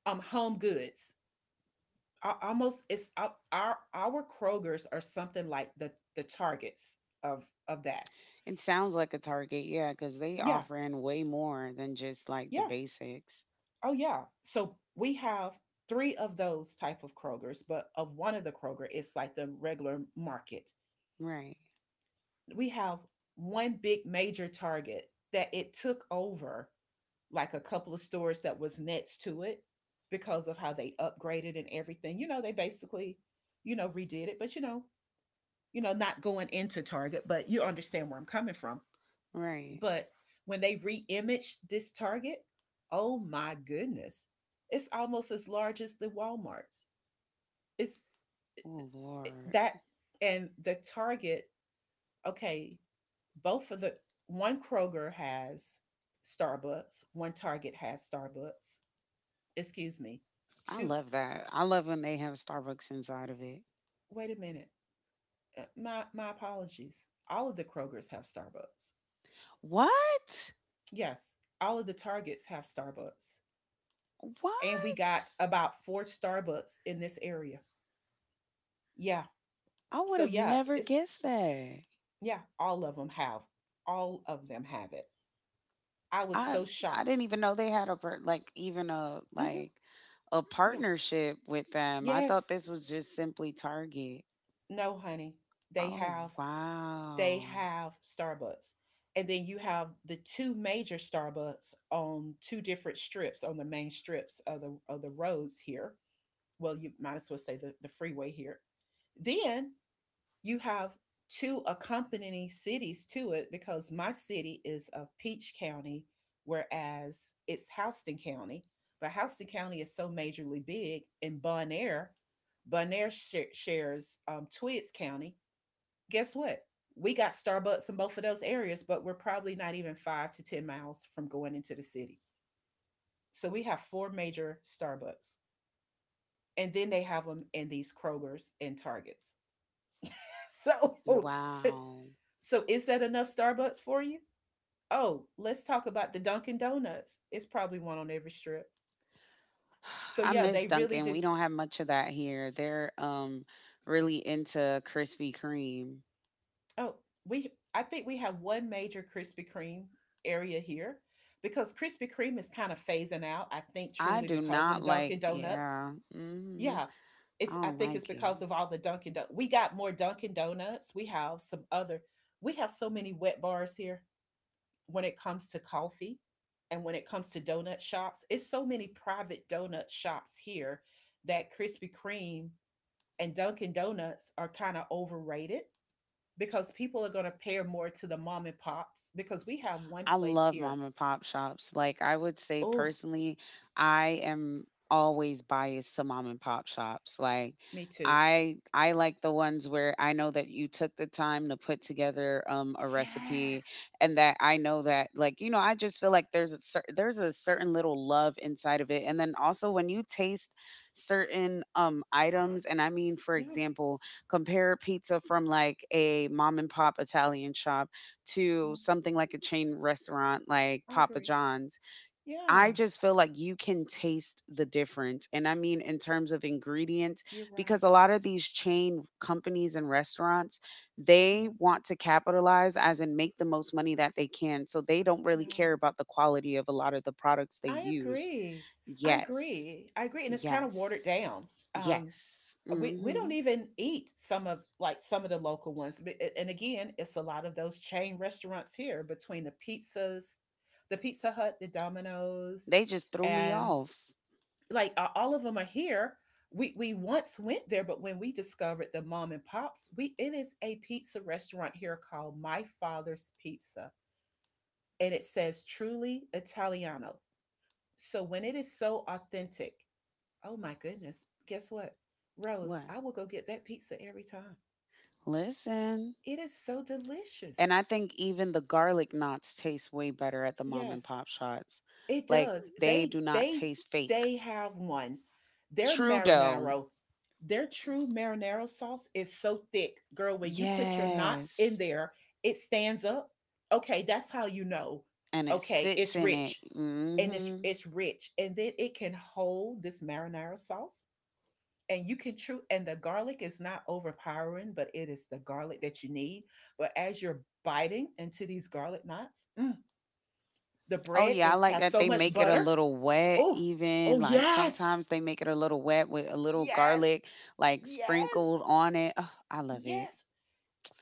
S1: home goods. Almost, it's our Krogers are something like the Targets of that.
S2: It sounds like a Target, yeah, because they
S1: Yeah,
S2: offering way more than just like the
S1: yeah.
S2: basics.
S1: Oh yeah. So we have three of those type of Krogers, but of one of the Kroger, it's like the regular market.
S2: Right,
S1: We have one big major Target that it took over, like, a couple of stores that was next to it because of how they upgraded and everything. You know, they basically, redid it, but not going into Target, but you understand where I'm coming from.
S2: right.
S1: But when they reimaged this Target, oh my goodness, it's almost as large as the Walmarts. It's
S2: Oh Lord,
S1: that And the Target, okay, both of the one Kroger has Starbucks, one Target has Starbucks. Excuse me.
S2: I
S1: Two
S2: love that. I love when they have Starbucks inside of it.
S1: Wait a minute. My apologies. All of the Krogers have Starbucks.
S2: What?
S1: Yes, all of the Targets have Starbucks. And we
S2: What?
S1: got about four Starbucks in this area. Yeah,
S2: I would
S1: so
S2: have
S1: yeah,
S2: never
S1: it's
S2: guessed that.
S1: yeah, all of them have. All of them have it. I was
S2: I
S1: so
S2: I
S1: shocked.
S2: didn't even know they had a like even a
S1: Hmm.
S2: like a
S1: Yeah.
S2: partnership with them. I thought
S1: Yes.
S2: this was just simply Target.
S1: No, honey. They
S2: Oh
S1: have. They
S2: wow,
S1: have Starbucks, and then you have the two major Starbucks on two different strips, on the main strips of the roads here. Well, you might as well say the freeway here. Then you have two accompanying cities to it, because my city is of Peach County, whereas it's Houston County. But Houston County is so majorly big, and Bonaire shares Twiggs County. Guess what? We got Starbucks in both of those areas, but we're probably not even 5 to 10 miles from going into the city. So we have four major Starbucks, and then they have them in these Kroger's and Targets. So
S2: wow.
S1: Is that enough Starbucks for you? Oh, let's talk about the Dunkin' Donuts. It's probably one on every strip. So
S2: I
S1: yeah,
S2: miss
S1: they really
S2: Dunkin'.
S1: do.
S2: We don't have much of that here. They're really into Krispy Kreme.
S1: Oh, we I think we have one major Krispy Kreme area here, because Krispy Kreme is kind of phasing out. I think
S2: I
S1: truly
S2: do
S1: because of the
S2: not like.
S1: Dunkin' Donuts.
S2: Yeah, hmm
S1: Yeah,
S2: I
S1: it's I
S2: don't
S1: think it's
S2: like it.
S1: because of all the Dunkin' Donuts. We got more Dunkin' Donuts. We have some other. We have so many wet bars here, when it comes to coffee and when it comes to donut shops. It's so many private donut shops here that Krispy Kreme and Dunkin' Donuts are kind of overrated, because people are going to pair more to the mom and pops, because we have one
S2: I
S1: place
S2: love
S1: here.
S2: mom and pop shops. Like I would say
S1: Oh,
S2: personally, I am always biased to mom and pop shops. Like
S1: me too.
S2: I like the ones where I know that you took the time to put together a recipe
S1: Yes.
S2: and that I know that like you know I just feel like there's a certain little love inside of it and then also when you taste certain items and I mean for
S1: Yeah.
S2: example compare pizza from like a mom and pop Italian shop to
S1: Mhm.
S2: something like a chain restaurant like
S1: I
S2: Papa
S1: agree.
S2: John's, I
S1: Yeah,
S2: just feel like you can taste the difference. And I mean, in terms of ingredients,
S1: you're
S2: because a
S1: right.
S2: lot of these chain companies and restaurants, they
S1: Yeah.
S2: want to capitalize as in make the most money that they can. So they don't
S1: Yeah.
S2: really care about the quality of a lot of the products they
S1: I
S2: use.
S1: agree. I
S2: Yes.
S1: agree. I agree. And it's kind of watered
S2: Yes.
S1: down. Um,
S2: Yes.
S1: we don't
S2: hmm
S1: even eat some of, like, some of the local ones. And again, it's a lot of those chain restaurants here, between the pizzas, the Pizza Hut, the Domino's,
S2: They just threw me
S1: and
S2: off.
S1: all of them are here. We once went there, but when we discovered the mom and pops, we it is a pizza restaurant here called My Father's Pizza, and it says truly Italiano. So when it is so authentic, oh my goodness, guess what, Rose,
S2: What?
S1: I will go get that pizza every time.
S2: Listen.
S1: It is so delicious.
S2: And I think even the garlic knots taste way better at the mom and
S1: Yes,
S2: pop shots.
S1: it
S2: Like
S1: does.
S2: they
S1: They
S2: do not
S1: they
S2: taste fake.
S1: they have one. Their
S2: True dough.
S1: marinara, their true marinara sauce is so thick, girl. When you put your knots in
S2: Yes.
S1: there, it stands up. Okay, that's how you know.
S2: And it
S1: Okay,
S2: sits
S1: it's
S2: in it.
S1: rich, and it's
S2: Hmm
S1: it's rich, and then it can hold this marinara sauce, and you can chew. And the garlic is not overpowering, but it is the garlic that you need. But as you're biting into these garlic knots, the
S2: Oh
S1: bread
S2: yeah, I
S1: is
S2: like
S1: has
S2: that
S1: so
S2: they
S1: much
S2: make it a
S1: butter.
S2: little wet
S1: Oh,
S2: even.
S1: oh,
S2: Like
S1: yes,
S2: sometimes they make it a little wet with a little
S1: yes,
S2: garlic like
S1: yes,
S2: sprinkled on it. Oh, I love it.
S1: yes.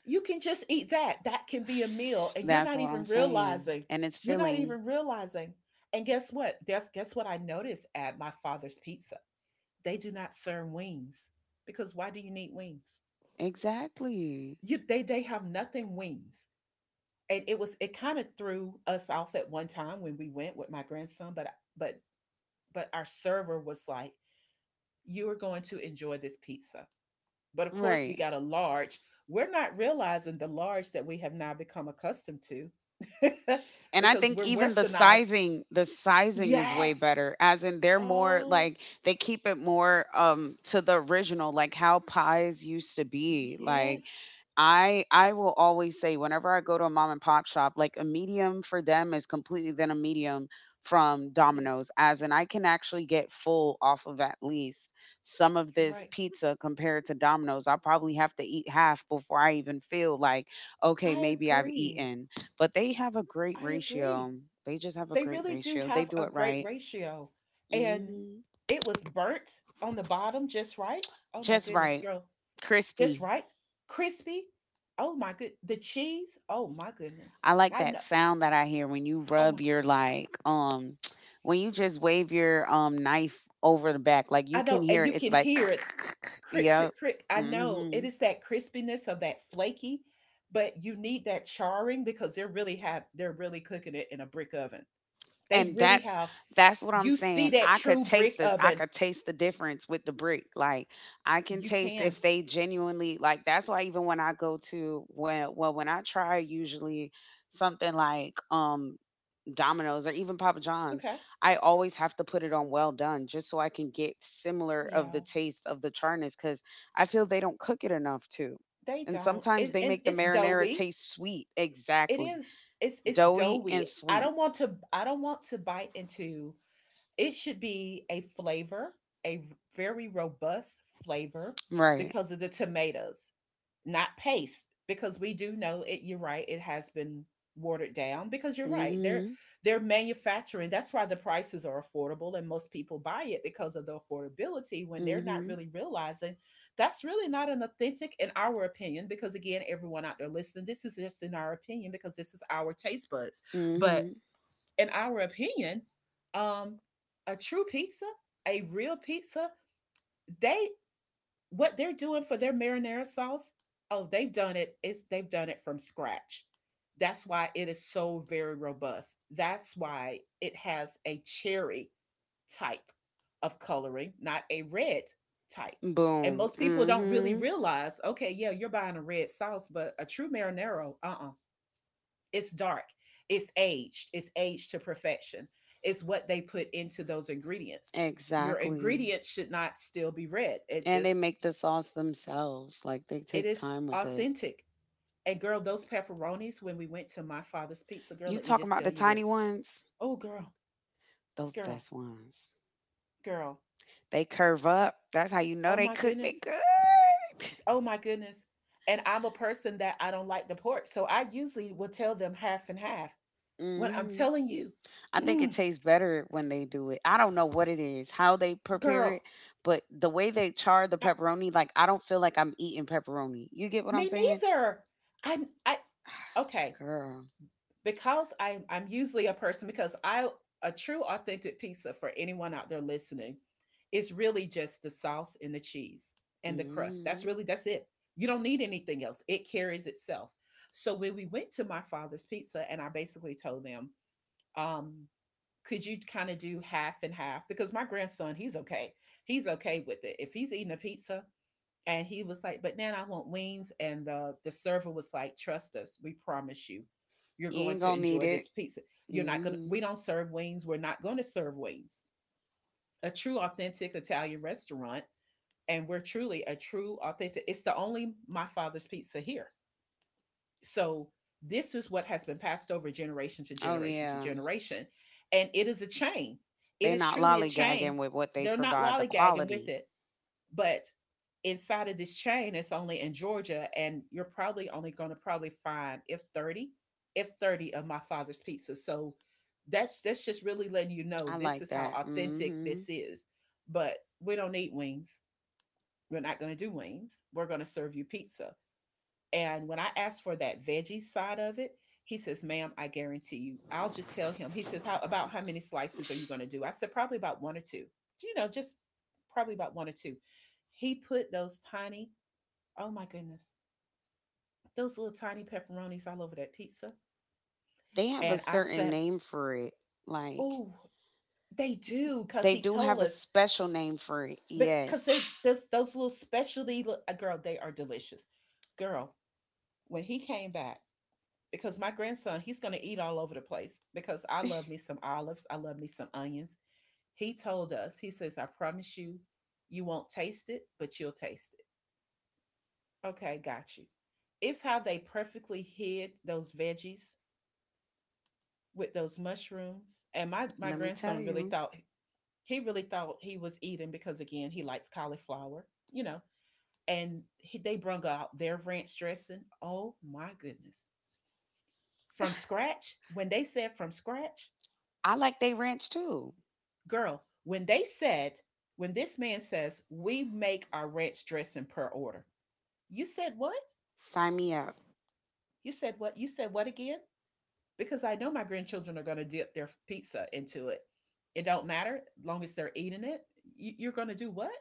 S1: You can just eat that. That can be a meal, and you're
S2: That's
S1: not
S2: what I'm
S1: even
S2: saying.
S1: realizing.
S2: And it's
S1: You're not
S2: filling.
S1: even realizing. And guess what? Guess what I noticed at My Father's Pizza. They do not serve wings, because why do you need wings?
S2: Exactly.
S1: You They have nothing wings. And it was, it kind of threw us off at one time when we went with my grandson, but our server was like, you are going to enjoy this pizza. But of course, we
S2: Right.
S1: got a large. We're not realizing the large that we have now become accustomed to.
S2: And I
S1: Because
S2: think
S1: we're
S2: even
S1: westernized.
S2: the sizing is way
S1: Yes.
S2: better. As in they're more
S1: Oh,
S2: like they keep it more to the original, like how pies used to be. Like
S1: yes.
S2: I will always say whenever I go to a mom and pop shop, like a medium for them is completely than a medium from
S1: It is.
S2: Domino's, as in I can actually get full off of at least some of
S1: You're
S2: this
S1: right.
S2: pizza compared to Domino's. I probably have to eat half before I even feel like, okay,
S1: I
S2: maybe I've
S1: agree.
S2: eaten. But they have a great
S1: I agree.
S2: ratio. They just have a
S1: They
S2: great
S1: really do
S2: ratio. They
S1: have
S2: do
S1: a
S2: it
S1: great
S2: right.
S1: ratio. And
S2: hmm
S1: it was burnt on the bottom just right. Oh my
S2: Just
S1: goodness,
S2: right.
S1: girl. Just
S2: Crispy.
S1: right. Crispy. Oh my good. The cheese. Oh my goodness.
S2: I like
S1: I
S2: that
S1: know.
S2: sound that I hear when you
S1: Oh my,
S2: rub your like when you just wave your knife over the back. Like you
S1: I know,
S2: can
S1: and
S2: hear
S1: you
S2: it. It's
S1: can
S2: like
S1: hear it, crick,
S2: yeah.
S1: crick, crick. I know, it
S2: Hmm.
S1: is that crispiness of that flaky, but you need that charring because they're really cooking it in a brick oven. They
S2: And
S1: really
S2: that's
S1: have.
S2: that's what I'm
S1: You see
S2: saying.
S1: that true brick
S2: I
S1: oven.
S2: could taste the difference with the brick. Like I can
S1: You
S2: taste
S1: can.
S2: if they genuinely like that's why even when I go to when I try usually something like Domino's or even Papa John's,
S1: Okay.
S2: I always have to put it on well done just so I can get similar of
S1: Yeah.
S2: the taste of the charness cuz I feel they don't cook it enough too.
S1: They
S2: And
S1: don't.
S2: sometimes they
S1: And
S2: make the
S1: it's
S2: marinara
S1: doughy.
S2: taste sweet.
S1: It
S2: Exactly.
S1: is. It's
S2: Doughy and
S1: doughy. I
S2: sweet.
S1: don't want to. I don't want to bite into. It should be a flavor, a very robust flavor
S2: Right.
S1: because of the tomatoes, not paste. Because we do know it. You're right. It has been watered down because you're right. They're
S2: Hmm.
S1: they're manufacturing. That's why the prices are affordable and most people buy it because of the affordability. When they're not
S2: Mm-hmm.
S1: really realizing that's really not an authentic, in our opinion. Because again, everyone out there listening, this is just in our opinion because this is our taste buds. But
S2: Mm-hmm.
S1: in our opinion, um, a true pizza, a real pizza, they what they're doing for their marinara sauce, oh, they've done it. It's they've done it from scratch. That's why it is so very robust. That's why it has a cherry type of coloring, not a red type. And
S2: Boom.
S1: most people don't really
S2: Mm-hmm.
S1: realize, okay, yeah, you're buying a red sauce, but a true marinara, uh-uh. It's dark. It's aged. It's aged to perfection. It's what they put into those ingredients. Your
S2: Exactly.
S1: ingredients should not still be red. It
S2: And they
S1: just
S2: make the sauce themselves. Like they
S1: it
S2: take
S1: is
S2: time with it.
S1: authentic. And girl, those pepperonis when we went to My Father's Pizza, girl,
S2: You
S1: let me
S2: talking
S1: just
S2: about
S1: tell
S2: the
S1: you
S2: tiny
S1: this.
S2: ones?
S1: Oh girl,
S2: Those the
S1: girl,
S2: best ones.
S1: girl.
S2: They curve up. That's how you know
S1: Oh
S2: they
S1: my
S2: cook. They
S1: goodness.
S2: good.
S1: Oh my goodness. And I'm a person that I don't like the pork. So I usually will tell them half and half. When I'm
S2: Mm-hmm.
S1: telling you,
S2: I think it
S1: mm,
S2: tastes better when they do it. I don't know what it is, how they prepare
S1: girl,
S2: it, but the way they char the
S1: I,
S2: pepperoni, like I don't feel like I'm eating pepperoni. You get what I'm
S1: me
S2: saying?
S1: neither. I okay.
S2: Girl.
S1: Because I'm usually a person, a true authentic pizza for anyone out there listening is really just the sauce and the cheese and the crust.
S2: Mm-hmm.
S1: That's really, that's it. You don't need anything else. It carries itself. So when we went to My Father's Pizza and I basically told them, um, could you kind of do half and half? Because my grandson, he's okay. He's okay with it. If he's eating a pizza, and he was like, but Nan, I want wings. And the server was like, trust us, we promise you, you're
S2: You
S1: going
S2: ain't
S1: to
S2: gonna need
S1: enjoy this
S2: it.
S1: pizza. You're not going to,
S2: Hmm.
S1: we don't serve wings. We're not going to serve wings. A true, authentic Italian restaurant. And we're truly a true, authentic, it's the only My Father's Pizza here. So this is what has been passed over generation to
S2: Oh
S1: generation to
S2: yeah,
S1: generation. And it is a chain. It
S2: they
S1: is
S2: not
S1: truly a
S2: lollygagging
S1: chain.
S2: with what they
S1: They're not
S2: provide. The
S1: lollygagging with
S2: quality,
S1: it, but inside of this chain, it's only in Georgia, and you're probably only going to probably find if 30, if 30 of My Father's Pizza. So that's just really letting you know
S2: I
S1: this
S2: like
S1: is how
S2: that.
S1: authentic
S2: Hmm.
S1: this is. But we don't need wings. We're not going to do wings. We're going to serve you pizza. And when I asked for that veggie side of it, he says, ma'am, I guarantee you, I'll just tell him. He says, how about how many slices are you going to do? I said, probably about one or two, just probably about one or two. He put those tiny, oh my goodness, those little tiny pepperonis all over that pizza.
S2: They have a
S1: And I
S2: certain
S1: said,
S2: name for it. Like
S1: oh, they do. Cause
S2: they
S1: he
S2: do
S1: told
S2: have a
S1: us,
S2: special name for it. Yes,
S1: because they're those little specialty, girl, they are delicious. Girl, when he came back, because my grandson, he's going to eat all over the place because I love me some olives. I love me some onions. He told us, he says, I promise you, you won't taste it, but you'll taste it. Okay, got you. It's how they perfectly hid those veggies with those mushrooms. And my
S2: let me tell
S1: grandson
S2: you,
S1: really thought he was eating because, again, he likes cauliflower, you know. And they brung out their ranch dressing. Oh my goodness. From scratch, when they said from scratch,
S2: I like they ranch too.
S1: girl, when they said, when this man says, we make our ranch dressing per order, you said what?
S2: Sign me up.
S1: You said what? You said what again? Because I know my grandchildren are going to dip their pizza into it. It don't matter as long as they're eating it. You're going to do what?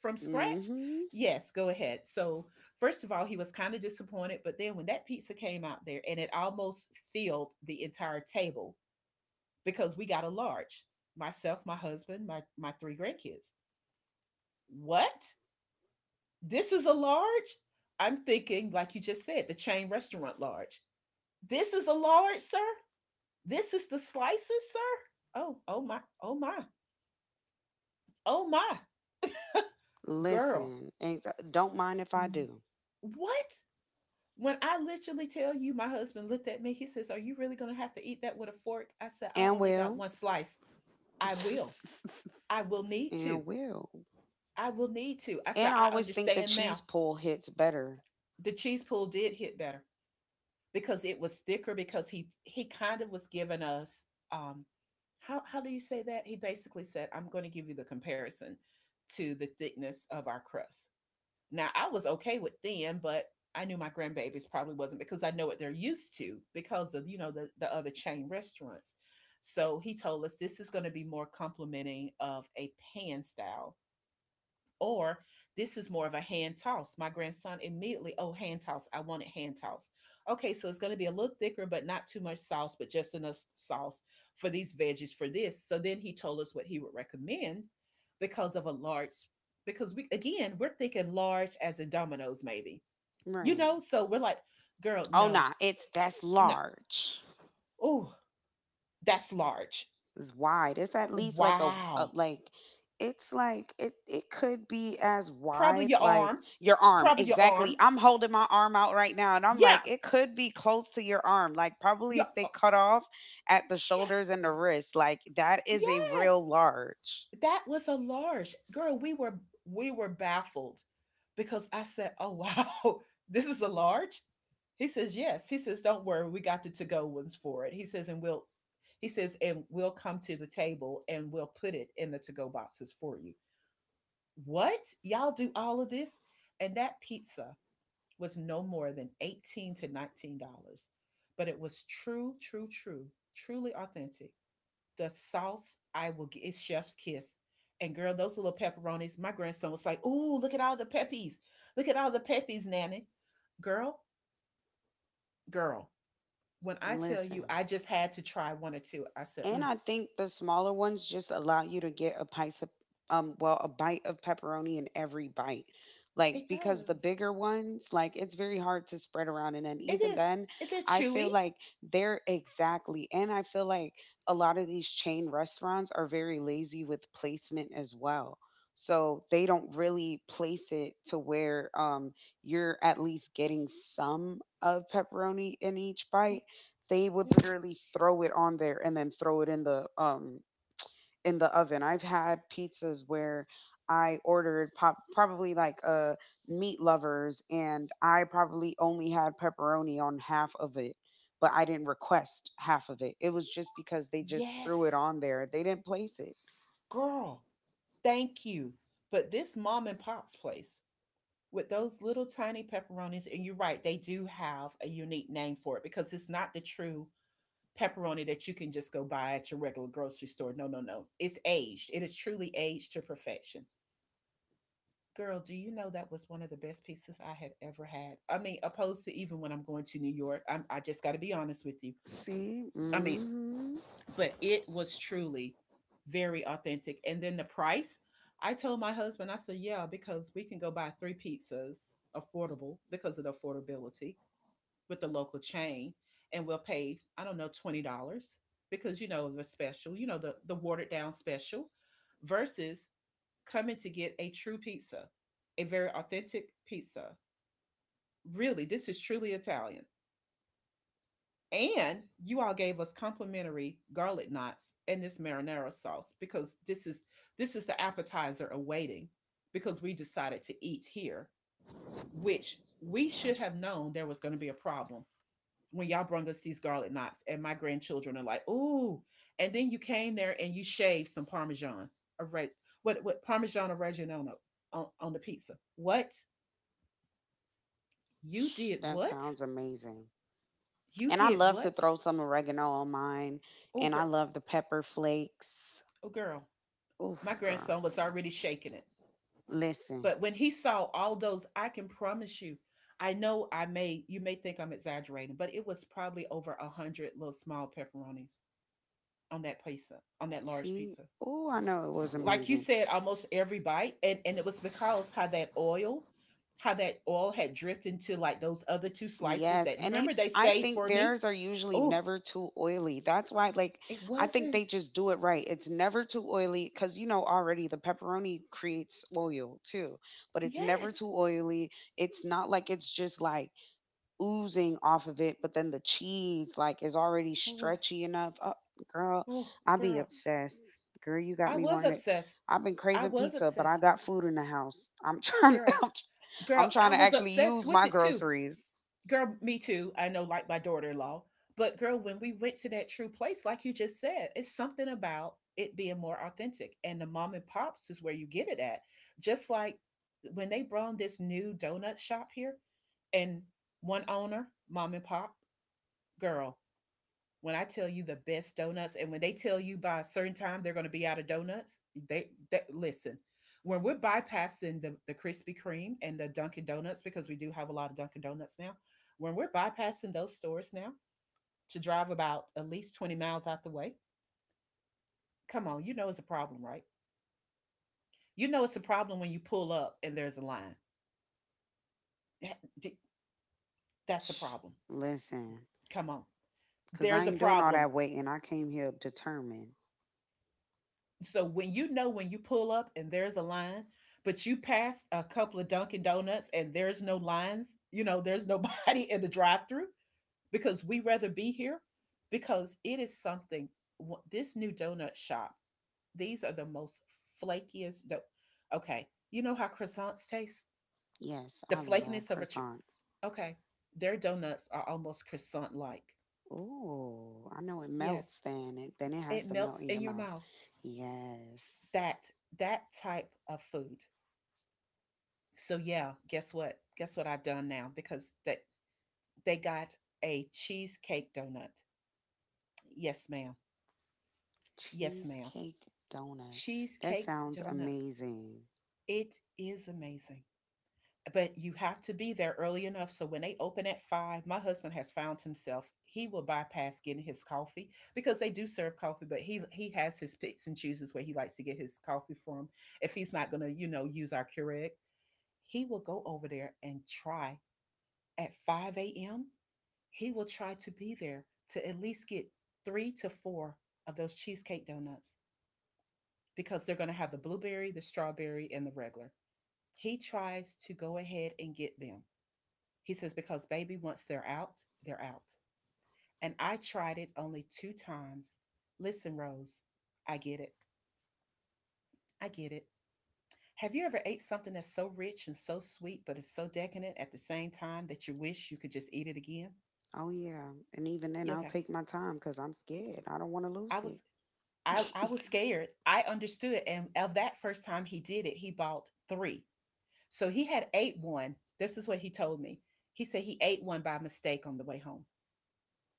S1: From scratch?
S2: Hmm.
S1: Yes, go ahead. So, first of all, he was kind of disappointed, but then when that pizza came out there and it almost filled the entire table because we got a large. Myself, my husband, my three grandkids. What? This is a large. I'm thinking, like you just said, the chain restaurant large. This is a large, sir. This is the slices, sir. Oh, oh my, oh my, oh my, girl.
S2: Listen, and don't mind if I do,
S1: What? When I literally tell you, my husband looked at me, he says, are you really going to have to eat that with a fork? I said, I
S2: and
S1: only got
S2: will,
S1: one slice. I will. I will need to.
S2: and will,
S1: I will need to. I said,
S2: and I
S1: I
S2: always think the
S1: understand now.
S2: cheese pull hits better.
S1: The cheese pool did hit better. Because it was thicker because he kind of was giving us, um how do you say that? He basically said, I'm going to give you the comparison to the thickness of our crust. Now I was okay with thin, but I knew my grandbabies probably wasn't because I know what they're used to because of the other chain restaurants. So he told us this is going to be more complimenting of a pan style or this is more of a hand toss. My grandson immediately, oh, hand toss. I want it hand toss. Okay, so it's going to be a little thicker, but not too much sauce, but just enough sauce for these veggies for this. So then he told us what he would recommend because of a large, because we, again, we're thinking large as in Dominoes, maybe, you
S2: Right.
S1: know? So we're like, girl,
S2: Oh
S1: no,
S2: nah, it's that's
S1: no.
S2: large.
S1: Oh, that's large.
S2: It's wide. It's at least like a
S1: Wow.
S2: like it's like it could be as
S1: Probably
S2: wide
S1: your
S2: like
S1: arm.
S2: your arm.
S1: Probably your
S2: Exactly.
S1: arm.
S2: I'm holding my arm out right now and I'm
S1: Yeah.
S2: like it could be close to your arm. Like probably
S1: Your,
S2: if they
S1: uh,
S2: cut off at the
S1: yes.
S2: shoulders and the wrist, like that is a
S1: Yes.
S2: real large.
S1: That was a large, girl. We were baffled because I said, oh wow, this is a large. He says, yes. He says, don't worry, we got the to go ones for it. He says, and we'll come to the table and we'll put it in the to go boxes for you. What, y'all do all of this? And that pizza was no more than 18 to $19, but it was true, true, true, truly authentic. The sauce, I will get, it's chef's kiss. And girl, those little pepperonis, my grandson was like, "Ooh, look at all the peppies! Look at all the peppies, nanny." Girl, girl, when I tell you,
S2: Listen.
S1: I just had to try one or two. I said,
S2: And
S1: mm,
S2: I think the smaller ones just allow you to get a piece of a bite of pepperoni in every bite. Like
S1: "It
S2: because the
S1: does.
S2: bigger ones, like it's very hard to spread around and then
S1: It
S2: even
S1: is.
S2: then
S1: They're
S2: I
S1: chewy."
S2: feel like they're exactly and I feel like a lot of these chain restaurants are very lazy with placement as well. So they don't really place it to where you're at least getting some of pepperoni in each
S1: Mhm.
S2: bite. They would
S1: Yeah.
S2: literally throw it on there and then throw it in the oven. I've had pizzas where I ordered pop, probably like meat lovers and I probably only had pepperoni on half of it, but I didn't request half of it. It was just because they just threw it
S1: Yes,
S2: on there. They didn't place it.
S1: girl. Thank you. But this mom and pop's place with those little tiny pepperonis, and you're right, they do have a unique name for it because it's not the true pepperoni that you can just go buy at your regular grocery store. No, no, no. It's aged. It is truly aged to perfection. Girl, do you know that was one of the best pizzas I had ever had? I mean, opposed to even when I'm going to New York, I just got to be honest with you.
S2: See?
S1: I mean,
S2: Hmm.
S1: but it was truly very authentic. And then the price, I told my husband, I said, yeah, because we can go buy three pizzas affordable because of the affordability with the local chain and we'll pay, I don't know, $20 because, the special, the watered down special versus coming to get a true pizza, a very authentic pizza. Really, this is truly Italian. And you all gave us complimentary garlic knots and this marinara sauce because this is the appetizer awaiting because we decided to eat here, which we should have known there was going to be a problem when y'all brung us these garlic knots, and my grandchildren are like, "Ooh!" And then you came there and you shaved some Parmesan, a red, what Parmesan oregano on the pizza. What you did?
S2: That
S1: What
S2: sounds amazing.
S1: you
S2: And I
S1: did?
S2: love to
S1: What?
S2: throw some oregano on mine
S1: Oh
S2: and I
S1: girl,
S2: love the pepper flakes.
S1: oh girl,
S2: Oof,
S1: my
S2: girl.
S1: grandson was already shaking it.
S2: Listen,
S1: But when he saw all those, I can promise you, I know, I may you may think I'm exaggerating, but it was probably over 100 little small pepperonis on that pizza, on that large
S2: see,
S1: pizza.
S2: oh, I know it was
S1: Like you
S2: amazing.
S1: said, almost every bite, and it was because how that oil, had dripped into like those other two slices
S2: Yes,
S1: that
S2: and it
S1: remember they
S2: I
S1: saved
S2: think
S1: for me.
S2: theirs are usually
S1: Oh,
S2: never too oily. That's why like
S1: it
S2: I think they
S1: wasn't.
S2: just do it right. It's never too oily cuz you know already the pepperoni creates oil too, but it's never
S1: Yes.
S2: too oily. It's not like it's just like oozing off of it, but then the cheese like is already
S1: Oh,
S2: stretchy enough. Oh, girl,
S1: oh,
S2: I be
S1: girl,
S2: obsessed. Girl, you got
S1: I
S2: me
S1: was
S2: wanting it.
S1: obsessed.
S2: I've been
S1: I
S2: craving
S1: was
S2: pizza, but I
S1: obsessed,
S2: got food in the house. I'm trying.
S1: girl,
S2: I'm
S1: girl.
S2: trying
S1: I
S2: to
S1: was
S2: actually
S1: obsessed
S2: use my
S1: with it too.
S2: groceries.
S1: Girl, me too. I know, like my daughter in law. But girl, when we went to that true place, like you just said, it's something about it being more authentic. And the mom and pops is where you get it at. Just like when they brought in this new donut shop here and one owner, mom and pop, girl, when I tell you, the best donuts, and when they tell you by a certain time they're going to be out of donuts, they listen. When we're bypassing the Krispy Kreme and the Dunkin' Donuts, because we do have a lot of Dunkin' Donuts now, when we're bypassing those stores now to drive about at least 20 miles out the way, come on, you know it's a problem, right? You know it's a problem when you pull up and there's a line. That's a problem.
S2: Listen,
S1: Come on.
S2: cause I
S1: There's a
S2: ain't doing all
S1: problem.
S2: that waiting. I came here determined.
S1: So when you know when you pull up and there's a line, but you pass a couple of Dunkin' Donuts and there's no lines, there's nobody in the drive-through, because we rather be here, because it is something. This new donut shop, these are the most flakiest. Okay, you know how croissants taste?
S2: Yes,
S1: The
S2: I love
S1: flakiness of a tr-
S2: croissants.
S1: Okay, their donuts are almost croissant-like.
S2: Ooh, I know it melts.
S1: Yes,
S2: Then it has
S1: it
S2: to melt
S1: melts
S2: in your
S1: in your
S2: mouth.
S1: mouth.
S2: Yes.
S1: That that type of food. So yeah, guess what? Guess what I've done now, because they got a cheesecake donut. Yes, ma'am. Yes, ma'am.
S2: Cheesecake donut. That
S1: Cheesecake
S2: sounds
S1: donut.
S2: amazing.
S1: It is amazing. But you have to be there early enough, so when they open at 5, my husband has found himself. He will bypass getting his coffee, because they do serve coffee, but he has his picks and chooses where he likes to get his coffee from. If he's not going to use our Keurig, he will go over there and try at 5 a.m. He will try to be there to at least get three to four of those cheesecake donuts, because they're going to have the blueberry, the strawberry, and the regular. He tries to go ahead and get them. He says, because baby, once they're out, they're out. And I tried it only two times. Listen, Rose, I get it. I get it. Have you ever ate something that's so rich and so sweet, but it's so decadent at the same time that you wish you could just eat it again?
S2: Oh, yeah. And even then,
S1: Yeah,
S2: I'll
S1: okay.
S2: take my time because I'm scared. I don't want to
S1: I
S2: lose it.
S1: was I was scared. I understood, and of that first time he did it, he bought three. So he had ate one. This is what he told me. He said he ate one by mistake on the way home.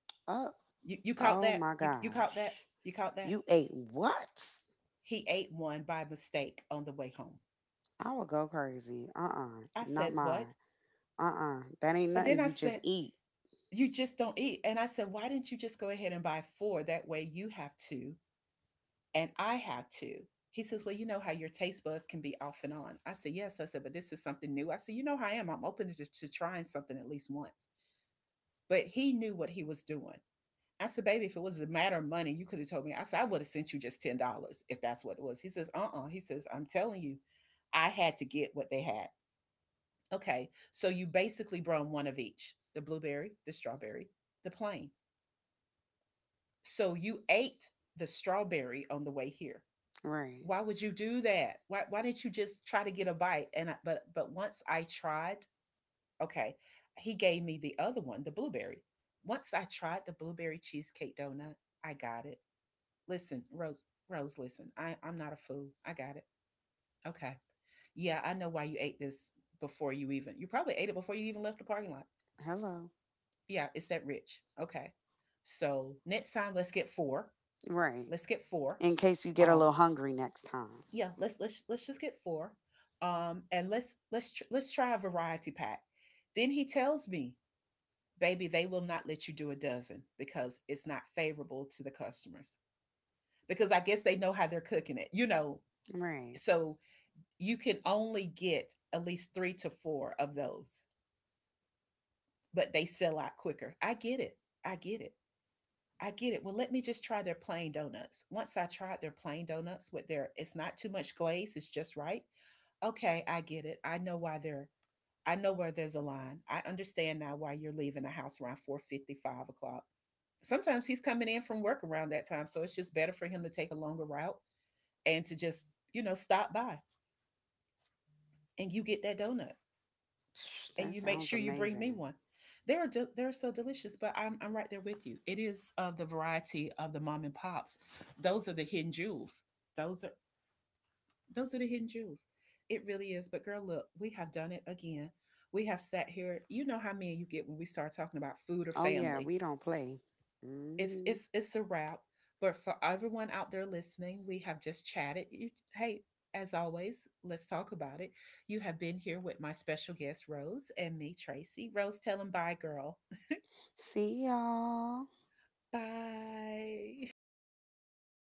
S2: oh,
S1: You caught
S2: oh
S1: that?
S2: my
S1: You caught that?
S2: gosh.
S1: You caught that?
S2: You ate what?
S1: He ate one by mistake on the way home.
S2: I would go crazy. Uh.
S1: I
S2: Not
S1: said, what?
S2: mine. Uh. That ain't
S1: And then
S2: nothing
S1: I
S2: you just
S1: said,
S2: eat.
S1: you just don't eat. And I said, why didn't you just go ahead and buy four? That way you have two, and I had to. He says, well, you know how your taste buds can be off and on. I said, yes. I said, but this is something new. I said, you know how I am. I'm open to trying something at least once. But he knew what he was doing. I said, baby, if it was a matter of money, you could have told me. I said, I would have sent you just $10 if that's what it was. He says, uh uh. He says, I'm telling you, I had to get what they had. Okay. So you basically brought one of each, the blueberry, the strawberry, the plain. So you ate the strawberry on the way here.
S2: Right.
S1: Why would you do that? Why didn't you just try to get a bite? And I, but once I tried, okay, he gave me the other one, the blueberry. Once I tried the blueberry cheesecake donut, I got it. Listen, Rose, listen, I'm not a fool. I got it. Okay. Yeah, I know why you ate this. Before you even You probably ate it before you even left the parking lot.
S2: Hello.
S1: Yeah, it's that rich. Okay. So next time, let's get four.
S2: Right.
S1: Let's get four.
S2: In case you get a
S1: Um.
S2: little hungry next time.
S1: Yeah, let's just get four. And let's try a variety pack. Then he tells me, baby, they will not let you do a dozen, because it's not favorable to the customers, because I guess they know how they're cooking it.
S2: Right.
S1: So you can only get at least three to four of those, but they sell out quicker. I get it. I get it. I get it. Well, let me just try their plain donuts. Once I tried their plain donuts with their, it's not too much glaze, it's just right. Okay, I get it. I know where there's a line. I understand now why you're leaving the house around 4:50, 5 o'clock. Sometimes he's coming in from work around that time, so it's just better for him to take a longer route and to just stop by, and you get that donut, and
S2: That
S1: you make
S2: sounds
S1: sure you bring me
S2: amazing.
S1: one. They're so delicious, but I'm right there with you. It is of the variety of the mom and pops. Those are the hidden jewels. Those are Those are the hidden jewels. It really is. But girl, look, we have done it again. We have sat here. You know how many you get when we start talking about food or
S2: Oh, yeah.
S1: family.
S2: We don't play.
S1: It's
S2: Mhm.
S1: it's it's a wrap. But for everyone out there listening, we have just chatted. You, hey, as always, let's talk about it. You have been here with my special guest Rose and me, Tracy. Rose, tell them bye, girl.
S2: See y'all.
S1: Bye.